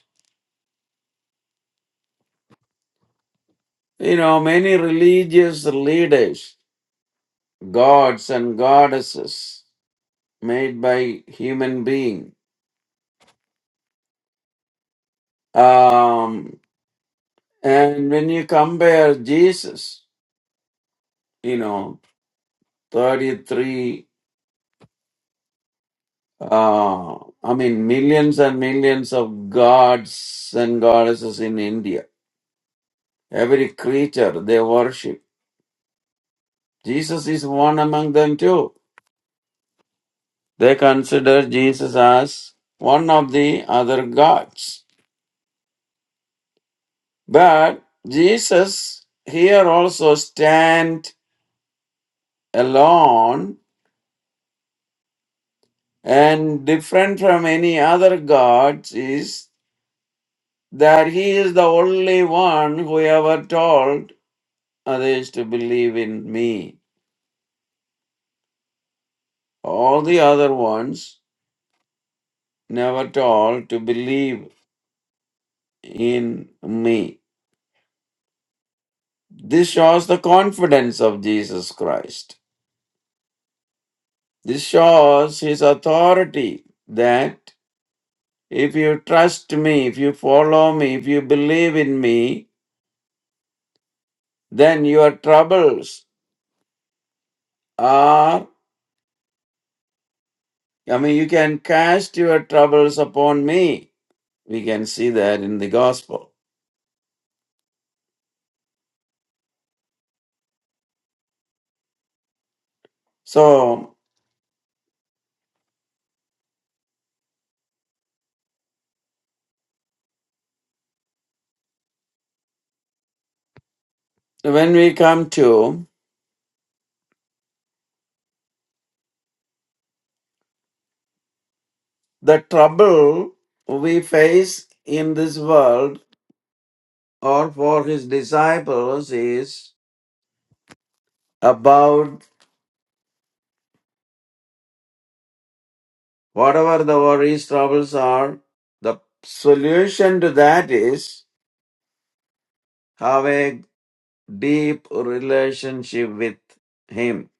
You know, many religious leaders, gods and goddesses made by human being, Um. And when you compare Jesus, you know, 33, uh, I mean, millions and millions of gods and goddesses in India, every creature they worship. Jesus is one among them too. They consider Jesus as one of the other gods. But Jesus here also stand alone and different from any other gods is that he is the only one who ever told others to believe in me. All the other ones never told to believe in me. This shows the confidence of Jesus Christ. This shows his authority that if you trust me, if you follow me, if you believe in me, then your troubles are, I mean, you can cast your troubles upon me We can see that in the gospel. So, when we come to the trouble we face in this world or for his disciples is about whatever the worries, troubles are, the solution to that is have a deep relationship with him.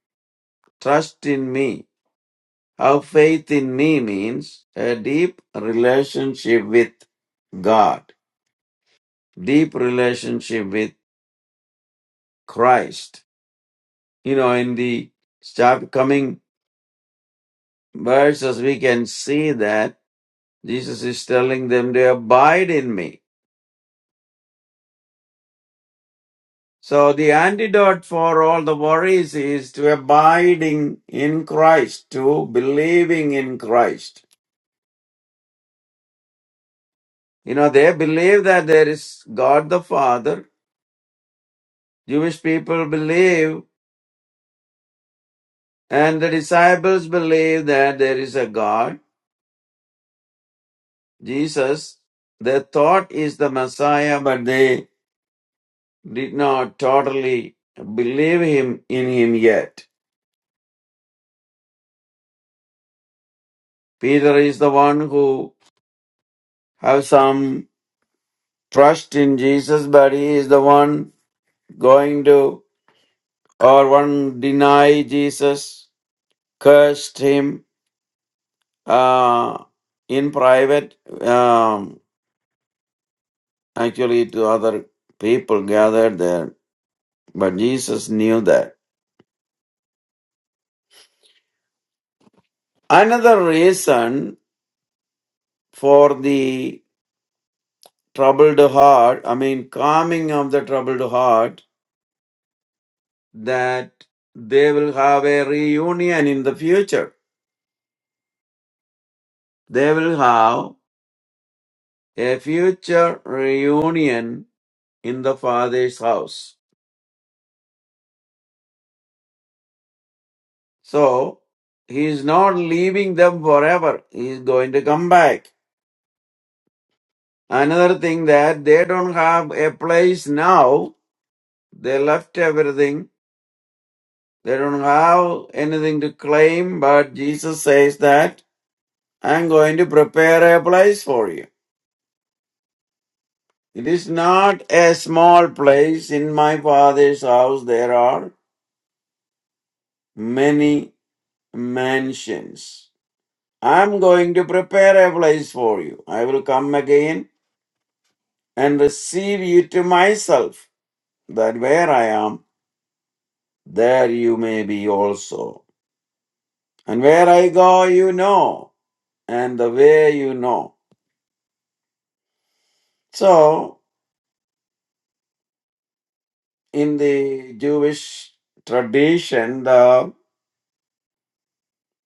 Trust in me. Have faith in me means a deep relationship with God. deep relationship with Christ. You know, in the stop coming verses, we can see that Jesus is telling them to abide in me. So the antidote for all the worries is to abiding in Christ, to believing in Christ. You know, they believe that there is God the Father. Jewish people believe and the disciples believe that there is a God Jesus, they thought is the Messiah, but they did not totally believe him in him yet. Peter is the one who have some trust in Jesus, but he is the one going to or one deny Jesus, cursed him uh, in private, um, actually to other people gathered there. But Jesus knew that. Another reason for the troubled heart, I mean, calming of the troubled heart, that they will have a reunion in the future. They will have a future reunion in the Father's house. So, He is not leaving them forever. He is going to come back. Another thing that they don't have a place now. They left everything. They don't have anything to claim, but Jesus says that I'm going to prepare a place for you. It is not a small place. In my father's house there are many mansions. I'm going to prepare a place for you. I will come again and receive you to myself, that where I am, there you may be also. And where I go, you know, and the way you know. So, in the Jewish tradition, the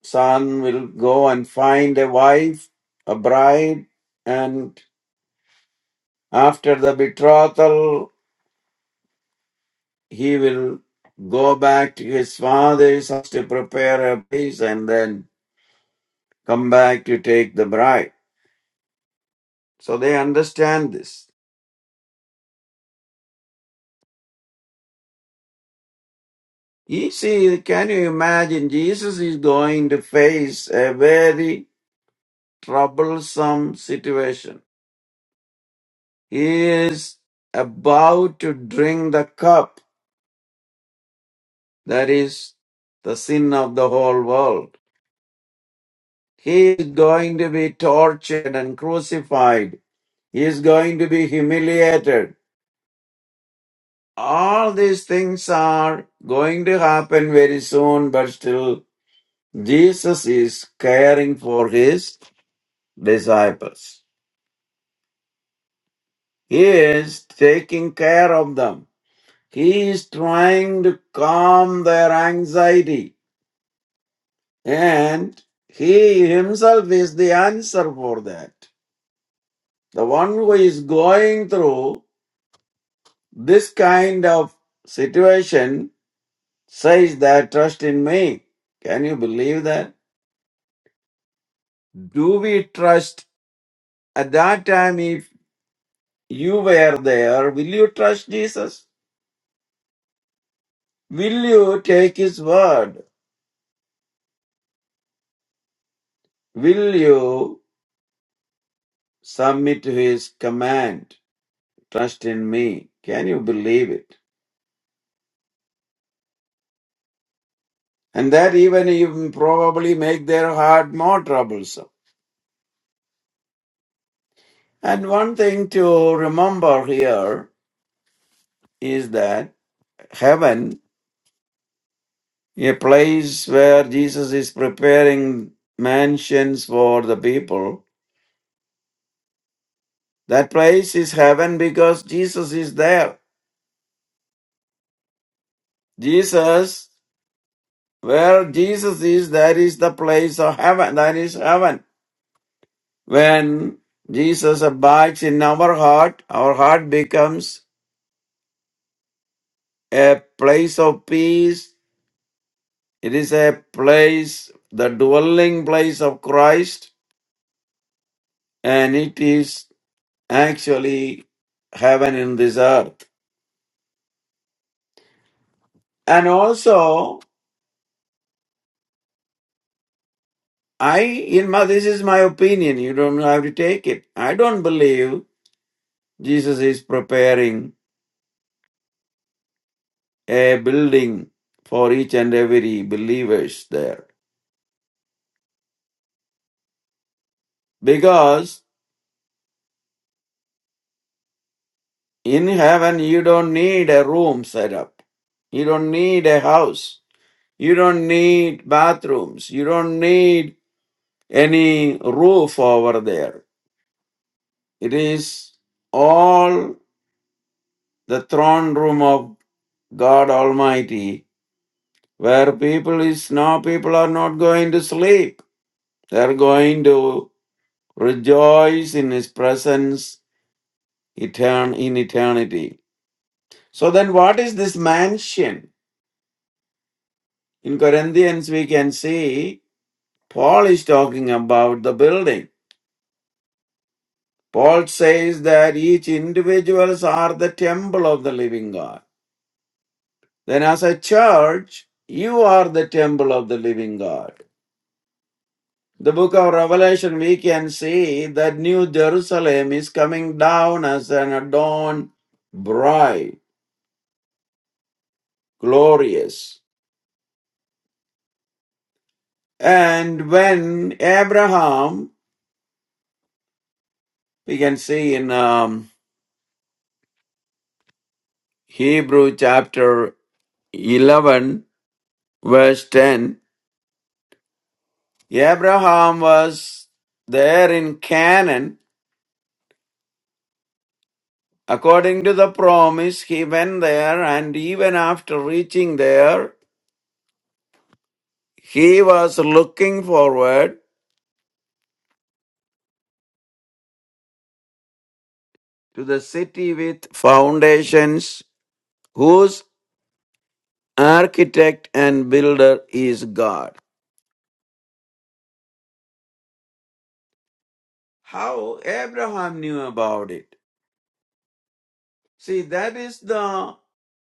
son will go and find a wife, a bride, and after the betrothal, he will go back to his father's house to prepare a place and then come back to take the bride. So they understand this. You see, can you imagine? Jesus is going to face a very troublesome situation. He is about to drink the cup That is the sin of the whole world. He is going to be tortured and crucified. He is going to be humiliated. All these things are going to happen very soon, but still Jesus is caring for his disciples. He is taking care of them. He is trying to calm their anxiety and he himself is the answer for that. The one who is going through this kind of situation says that trust in me. Can you believe that? Do we trust at that time if you were there, will you trust Jesus? Will you take his word? Will you submit to his command? Trust in me. Can you believe it? And that even even probably make their heart more troublesome. And one thing to remember here is that heaven, a place where Jesus is preparing mansions for the people. That place is heaven because Jesus is there. Jesus, where Jesus is, that is the place of heaven. That is heaven. When Jesus abides in our heart, our heart becomes a place of peace. It is a place, the dwelling place of Christ, and it is actually heaven in this earth. And also, I, in my, this is my opinion, you don't have to take it. I don't believe Jesus is preparing a building for each and every believers there. Because in heaven, you don't need a room set up. You don't need a house. You don't need bathrooms. You don't need any roof over there. It is all the throne room of God Almighty, where people is now people are not going to sleep. They're going to rejoice in his presence etern- in eternity. So then what is this mansion? In Corinthians we can see Paul is talking about the building. Paul says that each individuals are the temple of the living God. Then as a church, you are the temple of the living God. The book of Revelation, we can see that New Jerusalem is coming down as an adorned bride, glorious. And when Abraham, we can see in um, Hebrew chapter 11, verse 10, Abraham was there in Canaan. According to the promise, he went there, and even after reaching there, he was looking forward to the city with foundations, whose architect and builder is God. How Abraham knew about it. See, that is the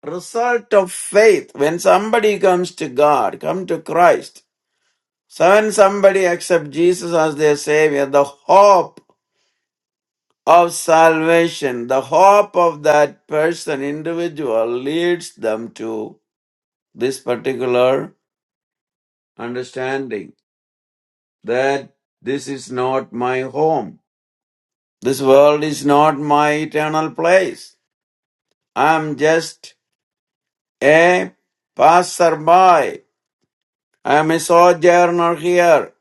result of faith. When somebody comes to God, come to Christ, so when somebody accepts Jesus as their Savior, the hope of salvation, the hope of that person, individual, leads them to this particular understanding. that this is not my home. This world is not my eternal place. I am just a passerby. I am a sojourner here.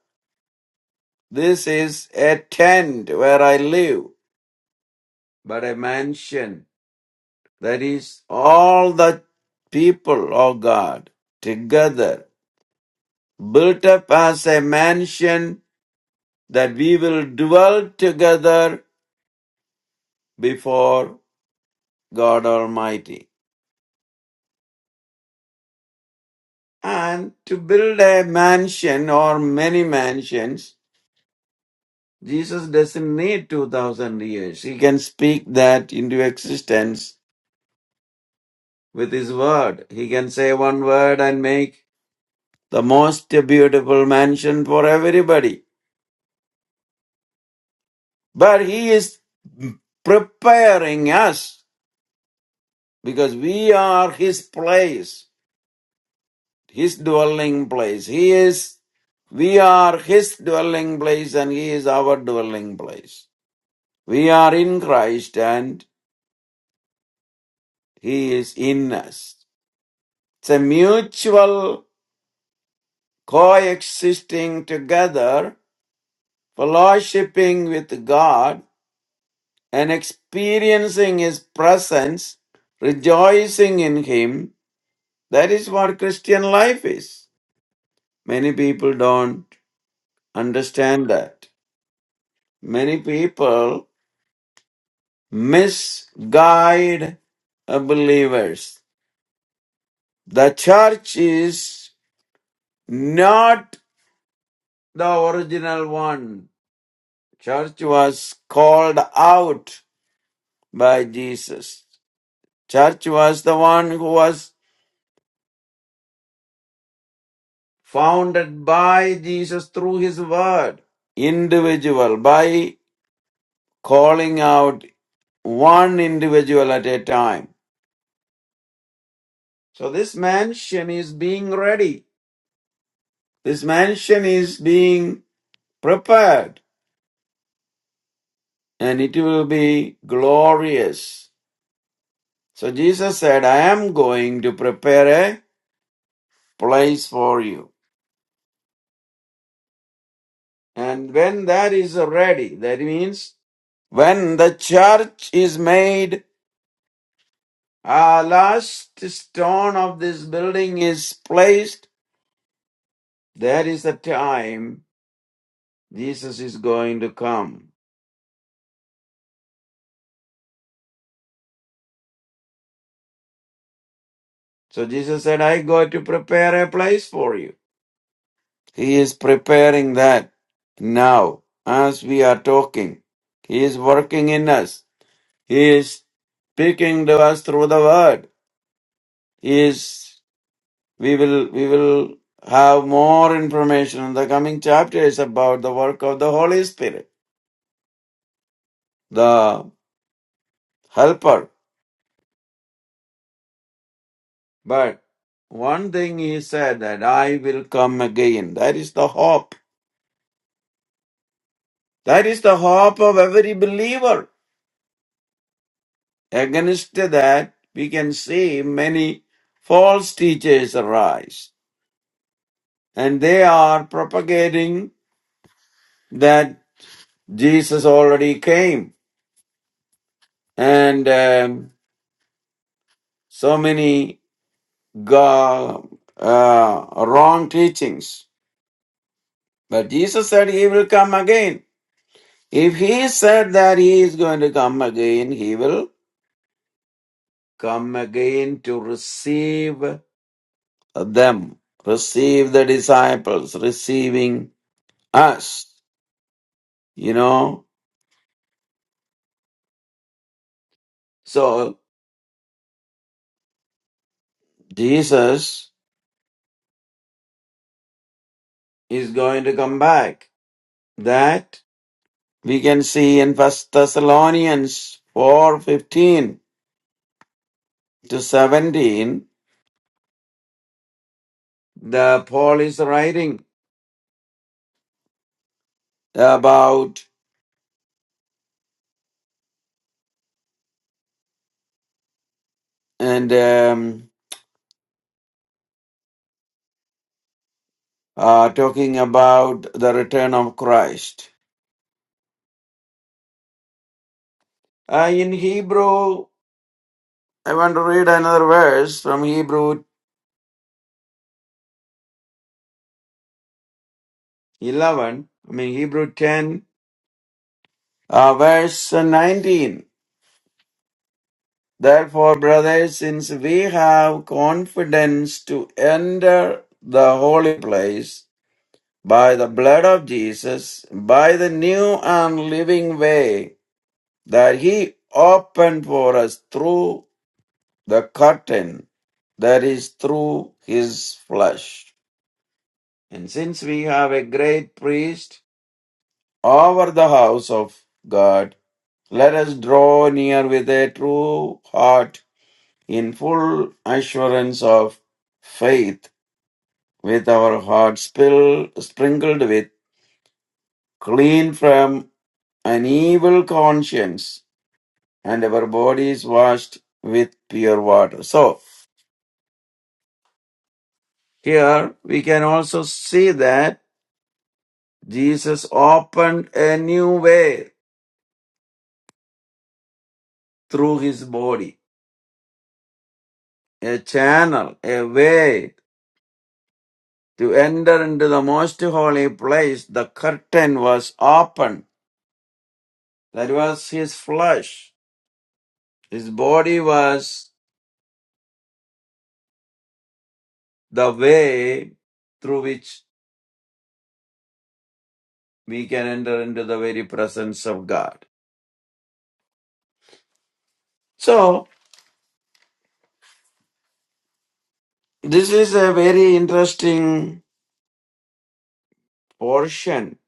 This is a tent where I live, but a mansion that is all the people of God together, built up as a mansion that we will dwell together before God Almighty. And to build a mansion or many mansions, Jesus doesn't need 2000 years. He can speak that into existence with his word. He can say one word and make the most beautiful mansion for everybody. But he is preparing us because we are his place, his dwelling place. He is, we are his dwelling place and he is our dwelling place. We are in Christ and He is in us. It's a mutual coexisting together, fellowshipping with God and experiencing His presence, rejoicing in Him. That is what Christian life is. Many people don't understand that. Many people misguide uh, believers. The church is not the original one. Church was called out by Jesus. Church was the one who was founded by Jesus through his word. Individual, by calling out one individual at a time. So this mansion is being ready. This mansion is being prepared and it will be glorious. So Jesus said, I am going to prepare a." place for you. And when that is ready, that means when the church is made, our last stone of this building is placed, that is the time Jesus is going to come. So Jesus said, I go to prepare a place for you. He is preparing that now as we are talking. He is working in us. He is speaking to us through the word. He is We will we will have more information in the coming chapters about the work of the Holy Spirit, the helper. But one thing he said that I will come again. That is the hope. That is the hope of every believer. Against that, we can see many false teachers arise, and they are propagating that Jesus already came, and um, so many go, uh, wrong teachings. But Jesus said he will come again. If he said that he is going to come again, he will come again to receive them, receive the disciples, receiving us, you know. So Jesus is going to come back. That we can see in First Thessalonians 4:15 to 17 the Paul is writing about and um, uh, talking about the return of Christ. Uh, in Hebrew, I want to read another verse from Hebrew 11, I mean Hebrew 10, uh, verse 19. Therefore, brothers, since we have confidence to enter the holy place by the blood of Jesus, by the new and living way that he opened for us through the curtain that is through his flesh. And since we have a great priest over the house of God, let us draw near with a true heart in full assurance of faith, with our hearts spill, sprinkled with clean from an evil conscience, and our bodies washed with pure water. So, here we can also see that Jesus opened a new way through his body, a channel, a way to enter into the most holy place. The curtain was opened. That was his flesh. His body was the way through which we can enter into the very presence of God. So, this is a very interesting portion.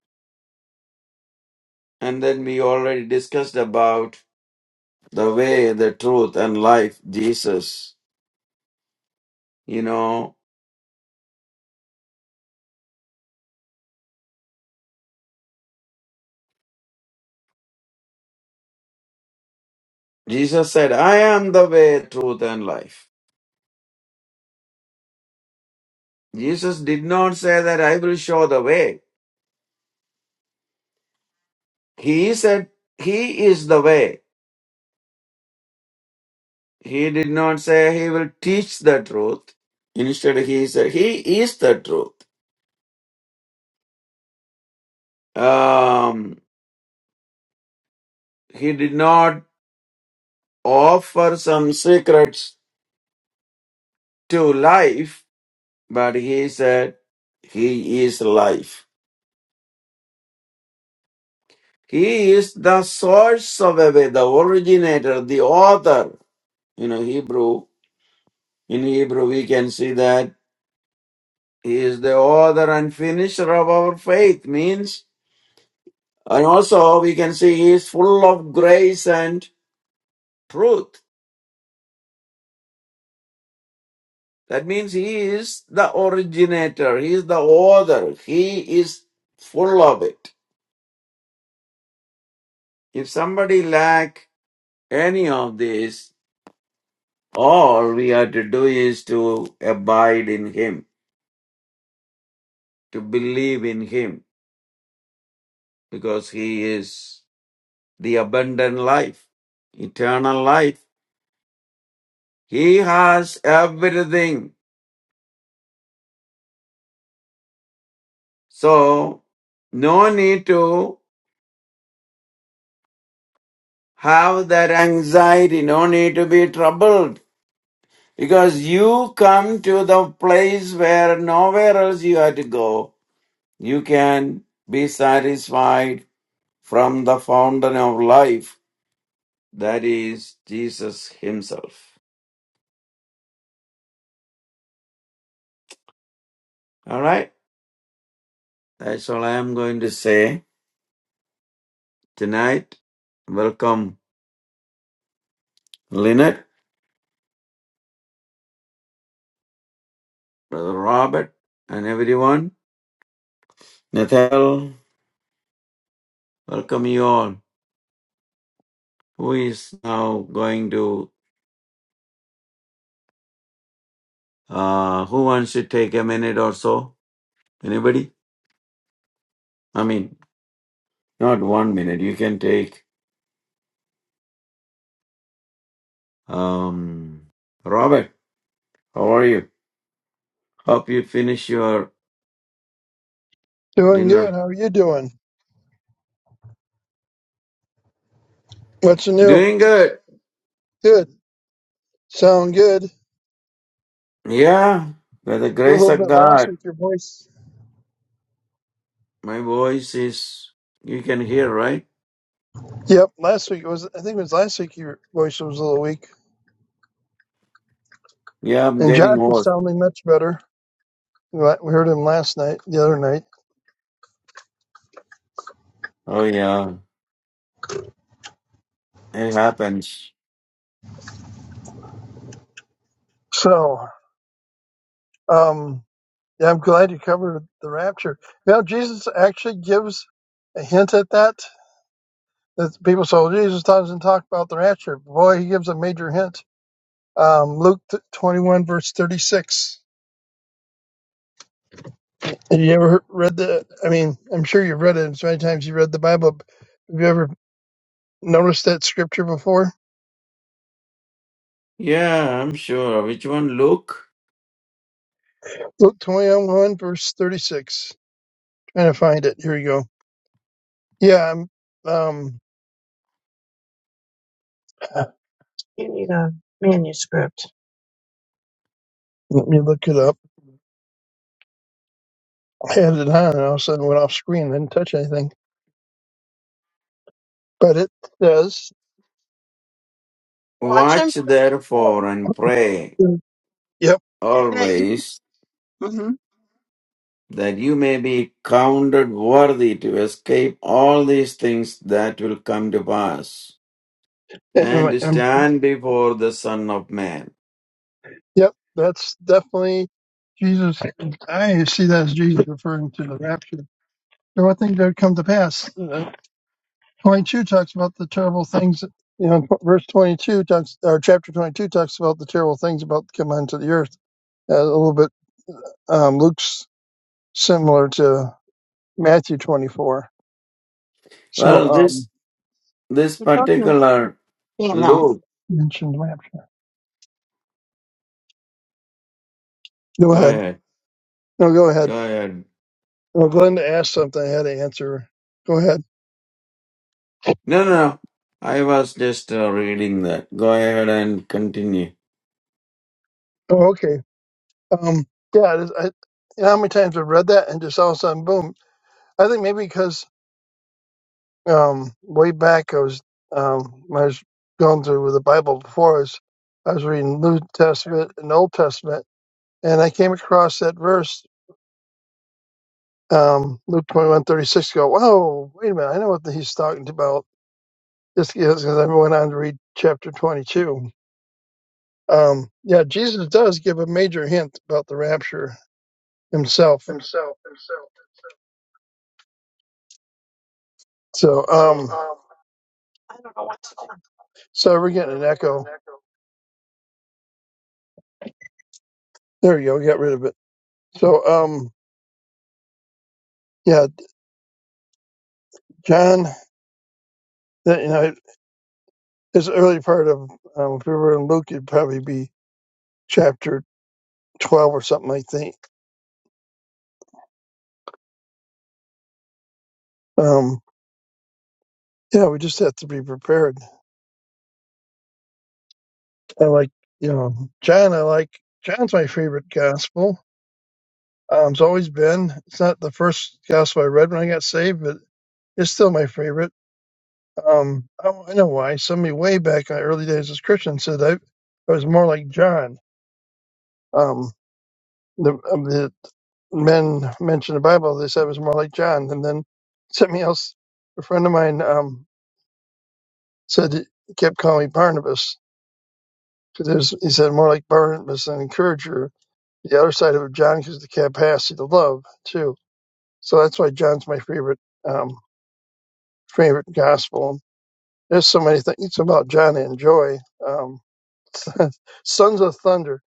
And then we already discussed about the way, the truth, and life, Jesus You know, Jesus said, I am the way, truth, and life. Jesus did not say that I will show the way. He said, He is the way. He did not say He will teach the truth. Instead, He said, He is the truth. Um, he did not offer some secrets to life, but He said, He is life. He is the source of a way, the originator, the author. You know, Hebrew In Hebrew, we can see that he is the author and finisher of our faith, means, and also we can see he is full of grace and truth. That means he is the originator, he is the author, he is full of it. If somebody lack any of this, all we have to do is to abide in him, to believe in him, because he is the abundant life, eternal life. He has everything. So, no need to have that anxiety, no need to be troubled. Because you come to the place where nowhere else you have to go. You can be satisfied from the fountain of life. That is Jesus Himself. Alright? That's all I am going to say tonight. Welcome, Lynette, Brother Robert, and everyone. Nathaniel, welcome you all. Who is now going to, uh, who wants to take a minute or so? Anybody? I mean, not one minute. You can take, um, Robert, how are you? Hope you finish your Doing good. dinner. How are you doing? What's new? Doing good. Good. Sound good. Yeah, by the A grace little of bit last God. week, your voice. My voice is, you can hear, right? Yep, last week it was. I think it was last week your voice was a little weak, Yeah, I'm and Josh getting is old. sounding much better. We we heard him last night, the other night. Oh, yeah, it happens. So, um, yeah, I'm glad you covered the rapture. You know, Jesus actually gives a hint at that. That people say, "Well, Jesus doesn't talk about the rapture." Boy, he gives a major hint. Um, Luke 21 verse 36. Have you ever read the? I mean, I'm sure you've read it. It's many times you read the Bible. but Have you ever noticed that scripture before? Yeah, I'm sure. Which one, Luke? Luke 21, verse 36. Trying to find it. Here we go. Yeah, I'm. Um, You need a manuscript. let me look it up. I had it on, and all of a sudden went off screen. Didn't touch anything. But it says, Watch and Watch therefore perform and pray "Yep, that you always that you may be counted worthy to escape all these things that will come to pass and and, to and stand before the Son of Man. yep, that's definitely Jesus." I see that as Jesus referring to the rapture. the one thing that would come to pass. Uh, 22 talks about the terrible things, you know, verse 22 talks, or chapter 22 talks about the terrible things about to come onto the earth. Uh, a little bit, um, Luke's similar to Matthew 24. So, Well, this um, this particular You know, Luke. mentioned rapture. Go Go ahead. ahead. No, go ahead. Go ahead. Well, Glenda asked something. I had to answer. Go ahead. No, no. no. I was just uh, reading that. Go ahead and continue. Oh, okay. Um, yeah, it is, I, you know how many times I've read that and just all of a sudden, boom. I think maybe because um, way back, I was um, when I was going through with the Bible before us. I was reading New Testament and Old Testament, and I came across that verse, um, Luke twenty one thirty six. Go, whoa, wait a minute! I know what he's talking about. This because I went on to read chapter twenty two. Um, yeah, Jesus does give a major hint about the rapture himself. Himself. Himself. So, um, I don't know what's going. on. So we're getting an echo. There we go. We got rid of it. So, um, yeah, John. that you know it's the early part of um, if we were in Luke, it'd probably be chapter twelve or something. I think. Um, yeah, we just have to be prepared. I like you know John. I like John's my favorite gospel. Um, it's always been. It's not the first gospel I read when I got saved, but it's still my favorite. Um, I, I know why. Somebody way back in my early days as Christian said I, I was more like John. Um, the, of the men mentioned the Bible, they said it was more like John. And then something else, a friend of mine um, said he kept calling me Barnabas because he said more like Barnabas and encourager. The other side of John because the capacity to love too. So that's why John's my favorite um, favorite gospel. There's so many things about John I enjoy. Um, Sons of Thunder.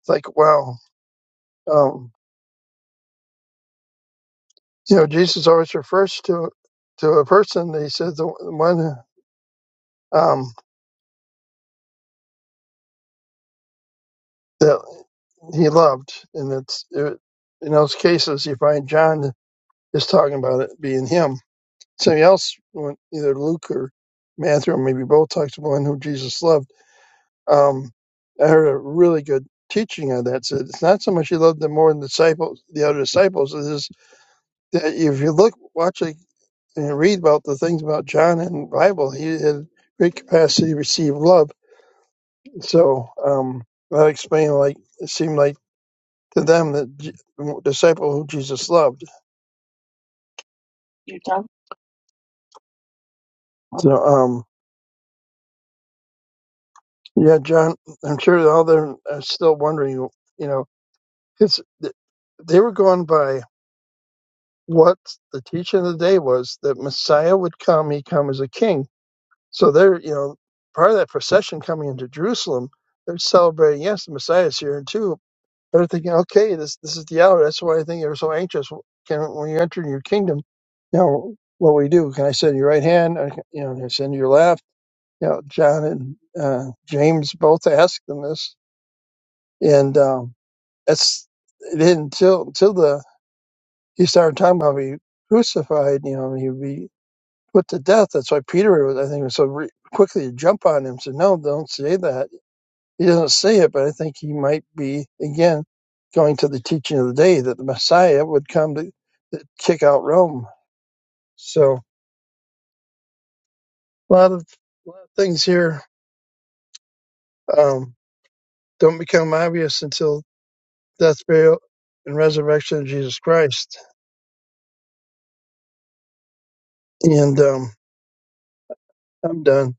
It's like wow. Um, You know, Jesus always refers to to a person. He said the one um, that he loved, and it's it, in those cases you find John is talking about it being him. Somebody else, when- either Luke or Matthew, or maybe both, talks about one who Jesus loved. Um, I heard a really good teaching on that. Said it's not so much he loved them more than the disciples, the other disciples. It is that if you look, watch, like, and read about the things about John in the Bible, he had great capacity to receive love So um, that explained like it seemed like to them that J- disciple who Jesus loved. Your tongue? So um, yeah, John, I'm sure all them are still wondering. You know, it's they were going by what the teaching of the day was that Messiah would come. He come as a king. So they're you know part of that procession coming into Jerusalem. They're celebrating. Yes, the Messiah's here too. They're thinking, okay, this this is the hour. That's why I think you are so anxious. Can when you enter your kingdom, you know what we do? Can I send your right hand? Or, you know, can I send your left? You know, John and uh, James both asked him this, and um, that's it didn't until until the he started talking about be crucified. You know, he'd be put to death. That's why Peter, was, I think, was so re- quickly to jump on him. Said, no, don't say that he doesn't say it, but I think he might be, again, going to the teaching of the day that the Messiah would come to, to kick out Rome. So a lot of, a lot of things here um, don't become obvious until death, burial, and resurrection of Jesus Christ. And um, I'm done.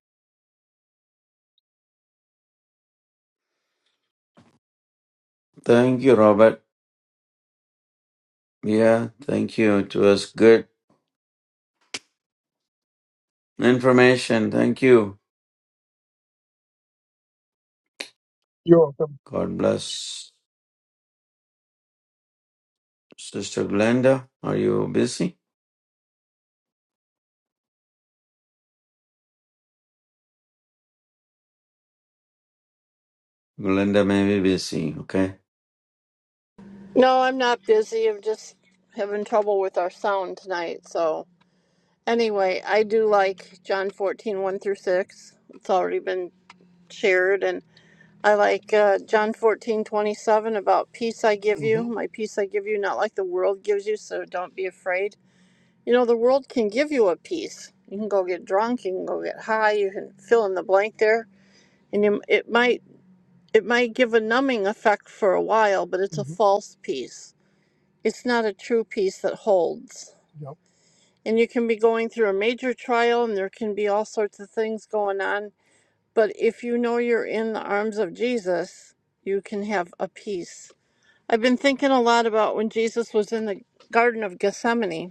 Thank you, Robert. Yeah, thank you. It was good information. Thank you. You're welcome. God bless. Sister Glenda, are you busy? Glenda may be busy, okay? No, I'm not busy. I'm just having trouble with our sound tonight. So anyway, I do like John fourteen one through six. It's already been shared, and I like uh, John 14 27 about peace I give you, hmm my peace I give you, not like the world gives you. So don't be afraid You know, the world can give you a peace. You can go get drunk, you can go get high, you can fill in the blank there, and you, it might it might give a numbing effect for a while, but it's a hmm false peace. It's not a true peace that holds. And you can be going through a major trial and there can be all sorts of things going on, but if you know you're in the arms of Jesus, you can have a peace. I've been thinking a lot about when Jesus was in the Garden of Gethsemane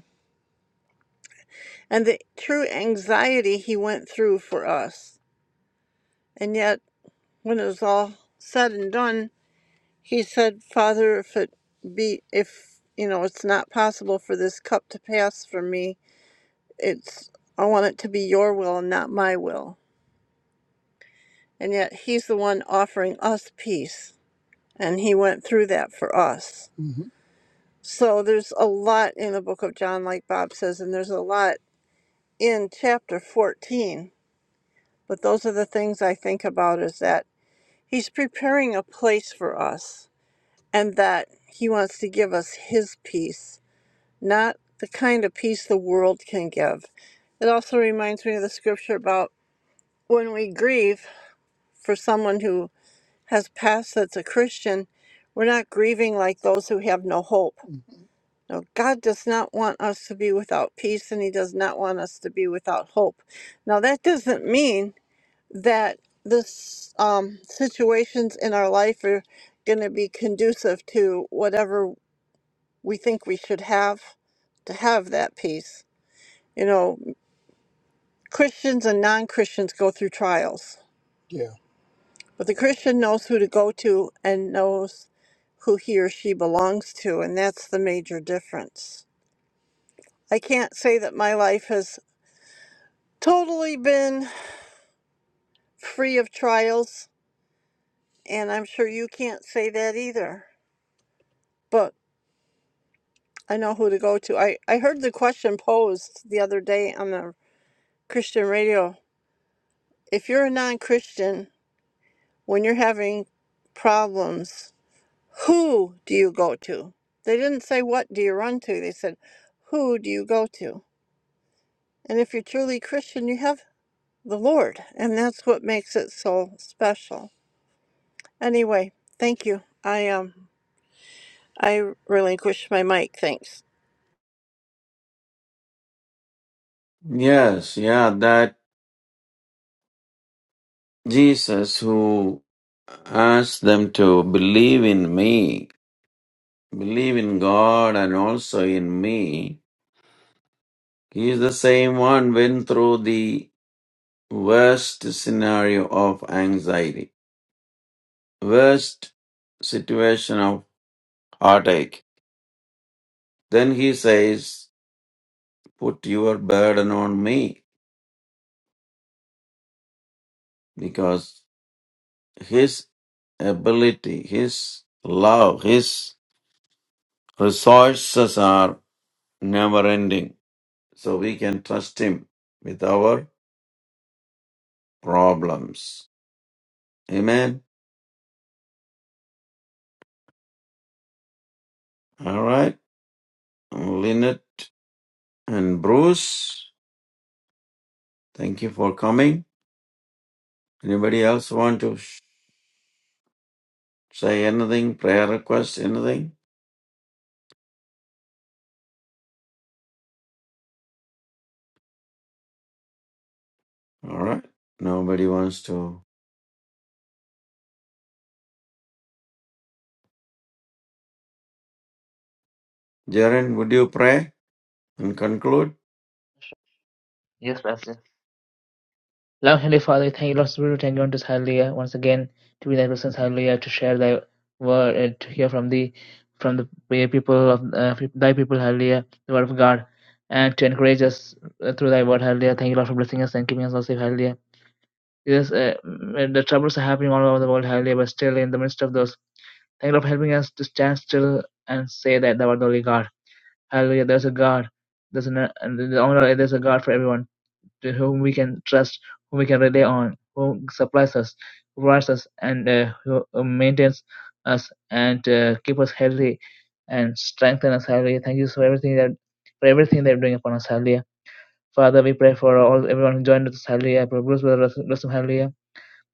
and the true anxiety he went through for us. And yet, when it was all said and done, he said, Father, if it be, if, you know, it's not possible for this cup to pass from me, it's, I want it to be your will and not my will. And yet, he's the one offering us peace. And he went through that for us. So there's a lot in the book of John, like Bob says, and there's a lot in chapter 14 But those are the things I think about is that He's preparing a place for us and that He wants to give us His peace, not the kind of peace the world can give. It also reminds me of the scripture about when we grieve for someone who has passed that's a Christian, we're not grieving like those who have no hope. No, God does not want us to be without peace and He does not want us to be without hope. Now, that doesn't mean that this um, situations in our life are going to be conducive to whatever we think we should have to have that peace. You know, Christians and non Christians go through trials, Yeah. but the Christian knows who to go to and knows who he or she belongs to, and that's the major difference. I can't say that my life has totally been free of trials, and I'm sure you can't say that either. But I know who to go to. I, I heard the question posed the other day on the Christian radio. If you're a non Christian, when you're having problems, who do you go to? They didn't say, What do you run to? They said, Who do you go to? And if you're truly Christian, you have the Lord. And that's what makes it so special. Anyway, thank you. I, um, I relinquish my mic. Thanks. Yes, yeah, that Jesus who asked them to believe in me, believe in God and also in me, he is the same one went through the worst scenario of anxiety, worst situation of heartache. Then he says, Put your burden on me because his ability, His love, His resources are never ending. So we can trust Him with our problems. Amen. All right. Lynette and Bruce, thank you for coming. Anybody else want to sh- say anything? Prayer request? Anything? All right. Nobody wants to. Jaren, would you pray and conclude? Yes, Pastor. long holy Father thank Thank you, Lord, Theodore Tengon to Hallelujah once again to be in the presence, Hallelujah, to share thy word and to hear from thee, from the people of uh, thy people, Hallelujah, the word of God, and to encourage us uh, through thy word, Hallelujah. Thank you, Lord, for blessing us and keeping us all safe, Hallelujah. Yes, uh, mm, the troubles are happening all over the world, Hallelujah, but still in the midst of those, thank you, Lord, for helping us to stand still and say that thou art the only God. Hallelujah, there's a God. There's an, uh, and the only- there's a God for everyone to whom we can trust, whom we can rely on, who supplies us, provides us, and uh, who uh, maintains us and uh, keep us healthy and strengthen us. Hallelujah. Thank you for everything that for everything that you're doing upon us. Hallelujah. Father, we pray for all everyone who joined us. Hallelujah. For Bruce brother Blossom. Hallelujah.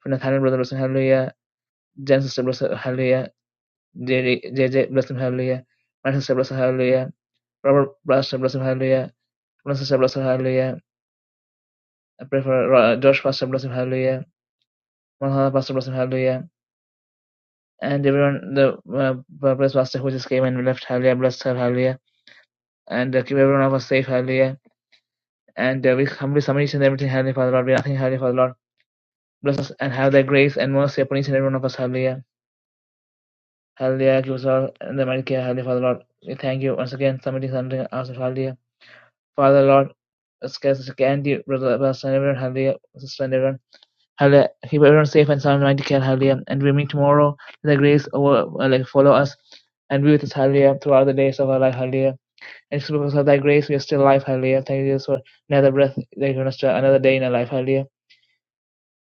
For Nathaniel brother Blossom. Hallelujah. Jen sister Blossom. Hallelujah. JD JJ Blossom. Hallelujah. My sister Blossom. Hallelujah. Robert Pastor Blossom. Hallelujah. My sister Blossom. Hallelujah. I pray for Ro- Josh Pastor Blossom. Hallelujah. Well, uh, Pastor, bless him, hallelujah. And everyone, the uh, praise pastor who just came and left, hallelujah, bless her, hallelujah. And uh, keep everyone of us safe, hallelujah. And uh, we humbly submit each and everything, hallelujah, Father Lord. We are nothing, hallelujah, Father Lord. Bless us and have thy grace and mercy upon each and every one of us, hallelujah. Hallelujah, give us all and the mighty care, hallelujah, Father Lord. We thank you once again, submitting something ourselves, hallelujah. Father Lord, let's get us candy, brother, pastor, and everyone, hallelujah, sister, and everyone. Hallelujah. Keep everyone safe and sound, mighty God, hallelujah. And we meet tomorrow. Let the grace over, uh, like follow us and be with us, hallelujah, throughout the days of our life, hallelujah. And it's because of thy grace we are still alive, hallelujah. Thank you, Jesus, for another breath, that given us uh, another day in our life, hallelujah.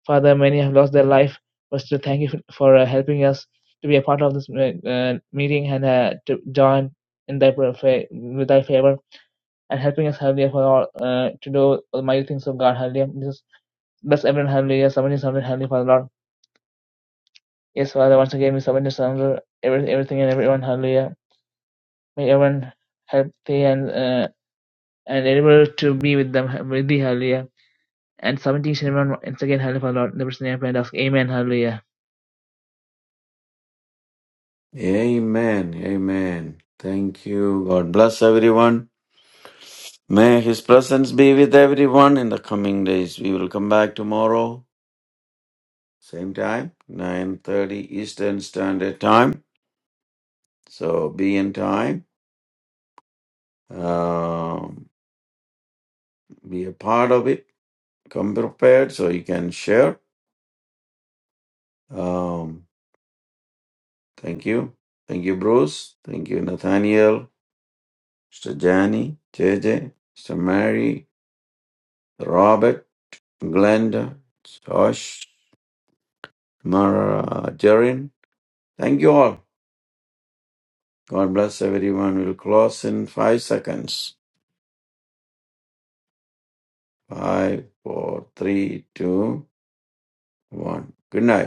Father, many have lost their life, but still thank you for, for uh, helping us to be a part of this uh, uh, meeting and uh, to join in thy pra- fa- with thy favor and helping us, hallelujah, for all uh, to do all mighty things of God, hallelujah. Jesus, bless everyone, hallelujah. Somebody, somebody, hallelujah, Father Lord. Yes, Father, once again we submit and surrender every, everything and everyone. Hallelujah. May everyone healthy and uh, and able to be with them with thee. Hallelujah. And submitting each and everyone once again. Hallelujah, Father Lord. In the person name I pray and ask. Amen. Hallelujah. Amen. Amen. Thank you. God bless everyone. May His presence be with everyone in the coming days. We will come back tomorrow, same time, 9.30 Eastern Standard Time. So be in time, um, be a part of it, come prepared so you can share. Um, thank you. Thank you, Bruce. Thank you, Nathaniel, Mr. Jani, J J, Mr. Mary, Robert, Glenda, Josh, Mara, Jerin. Thank you all. God bless everyone. We'll close in five seconds. Five, four, three, two, one. Good night.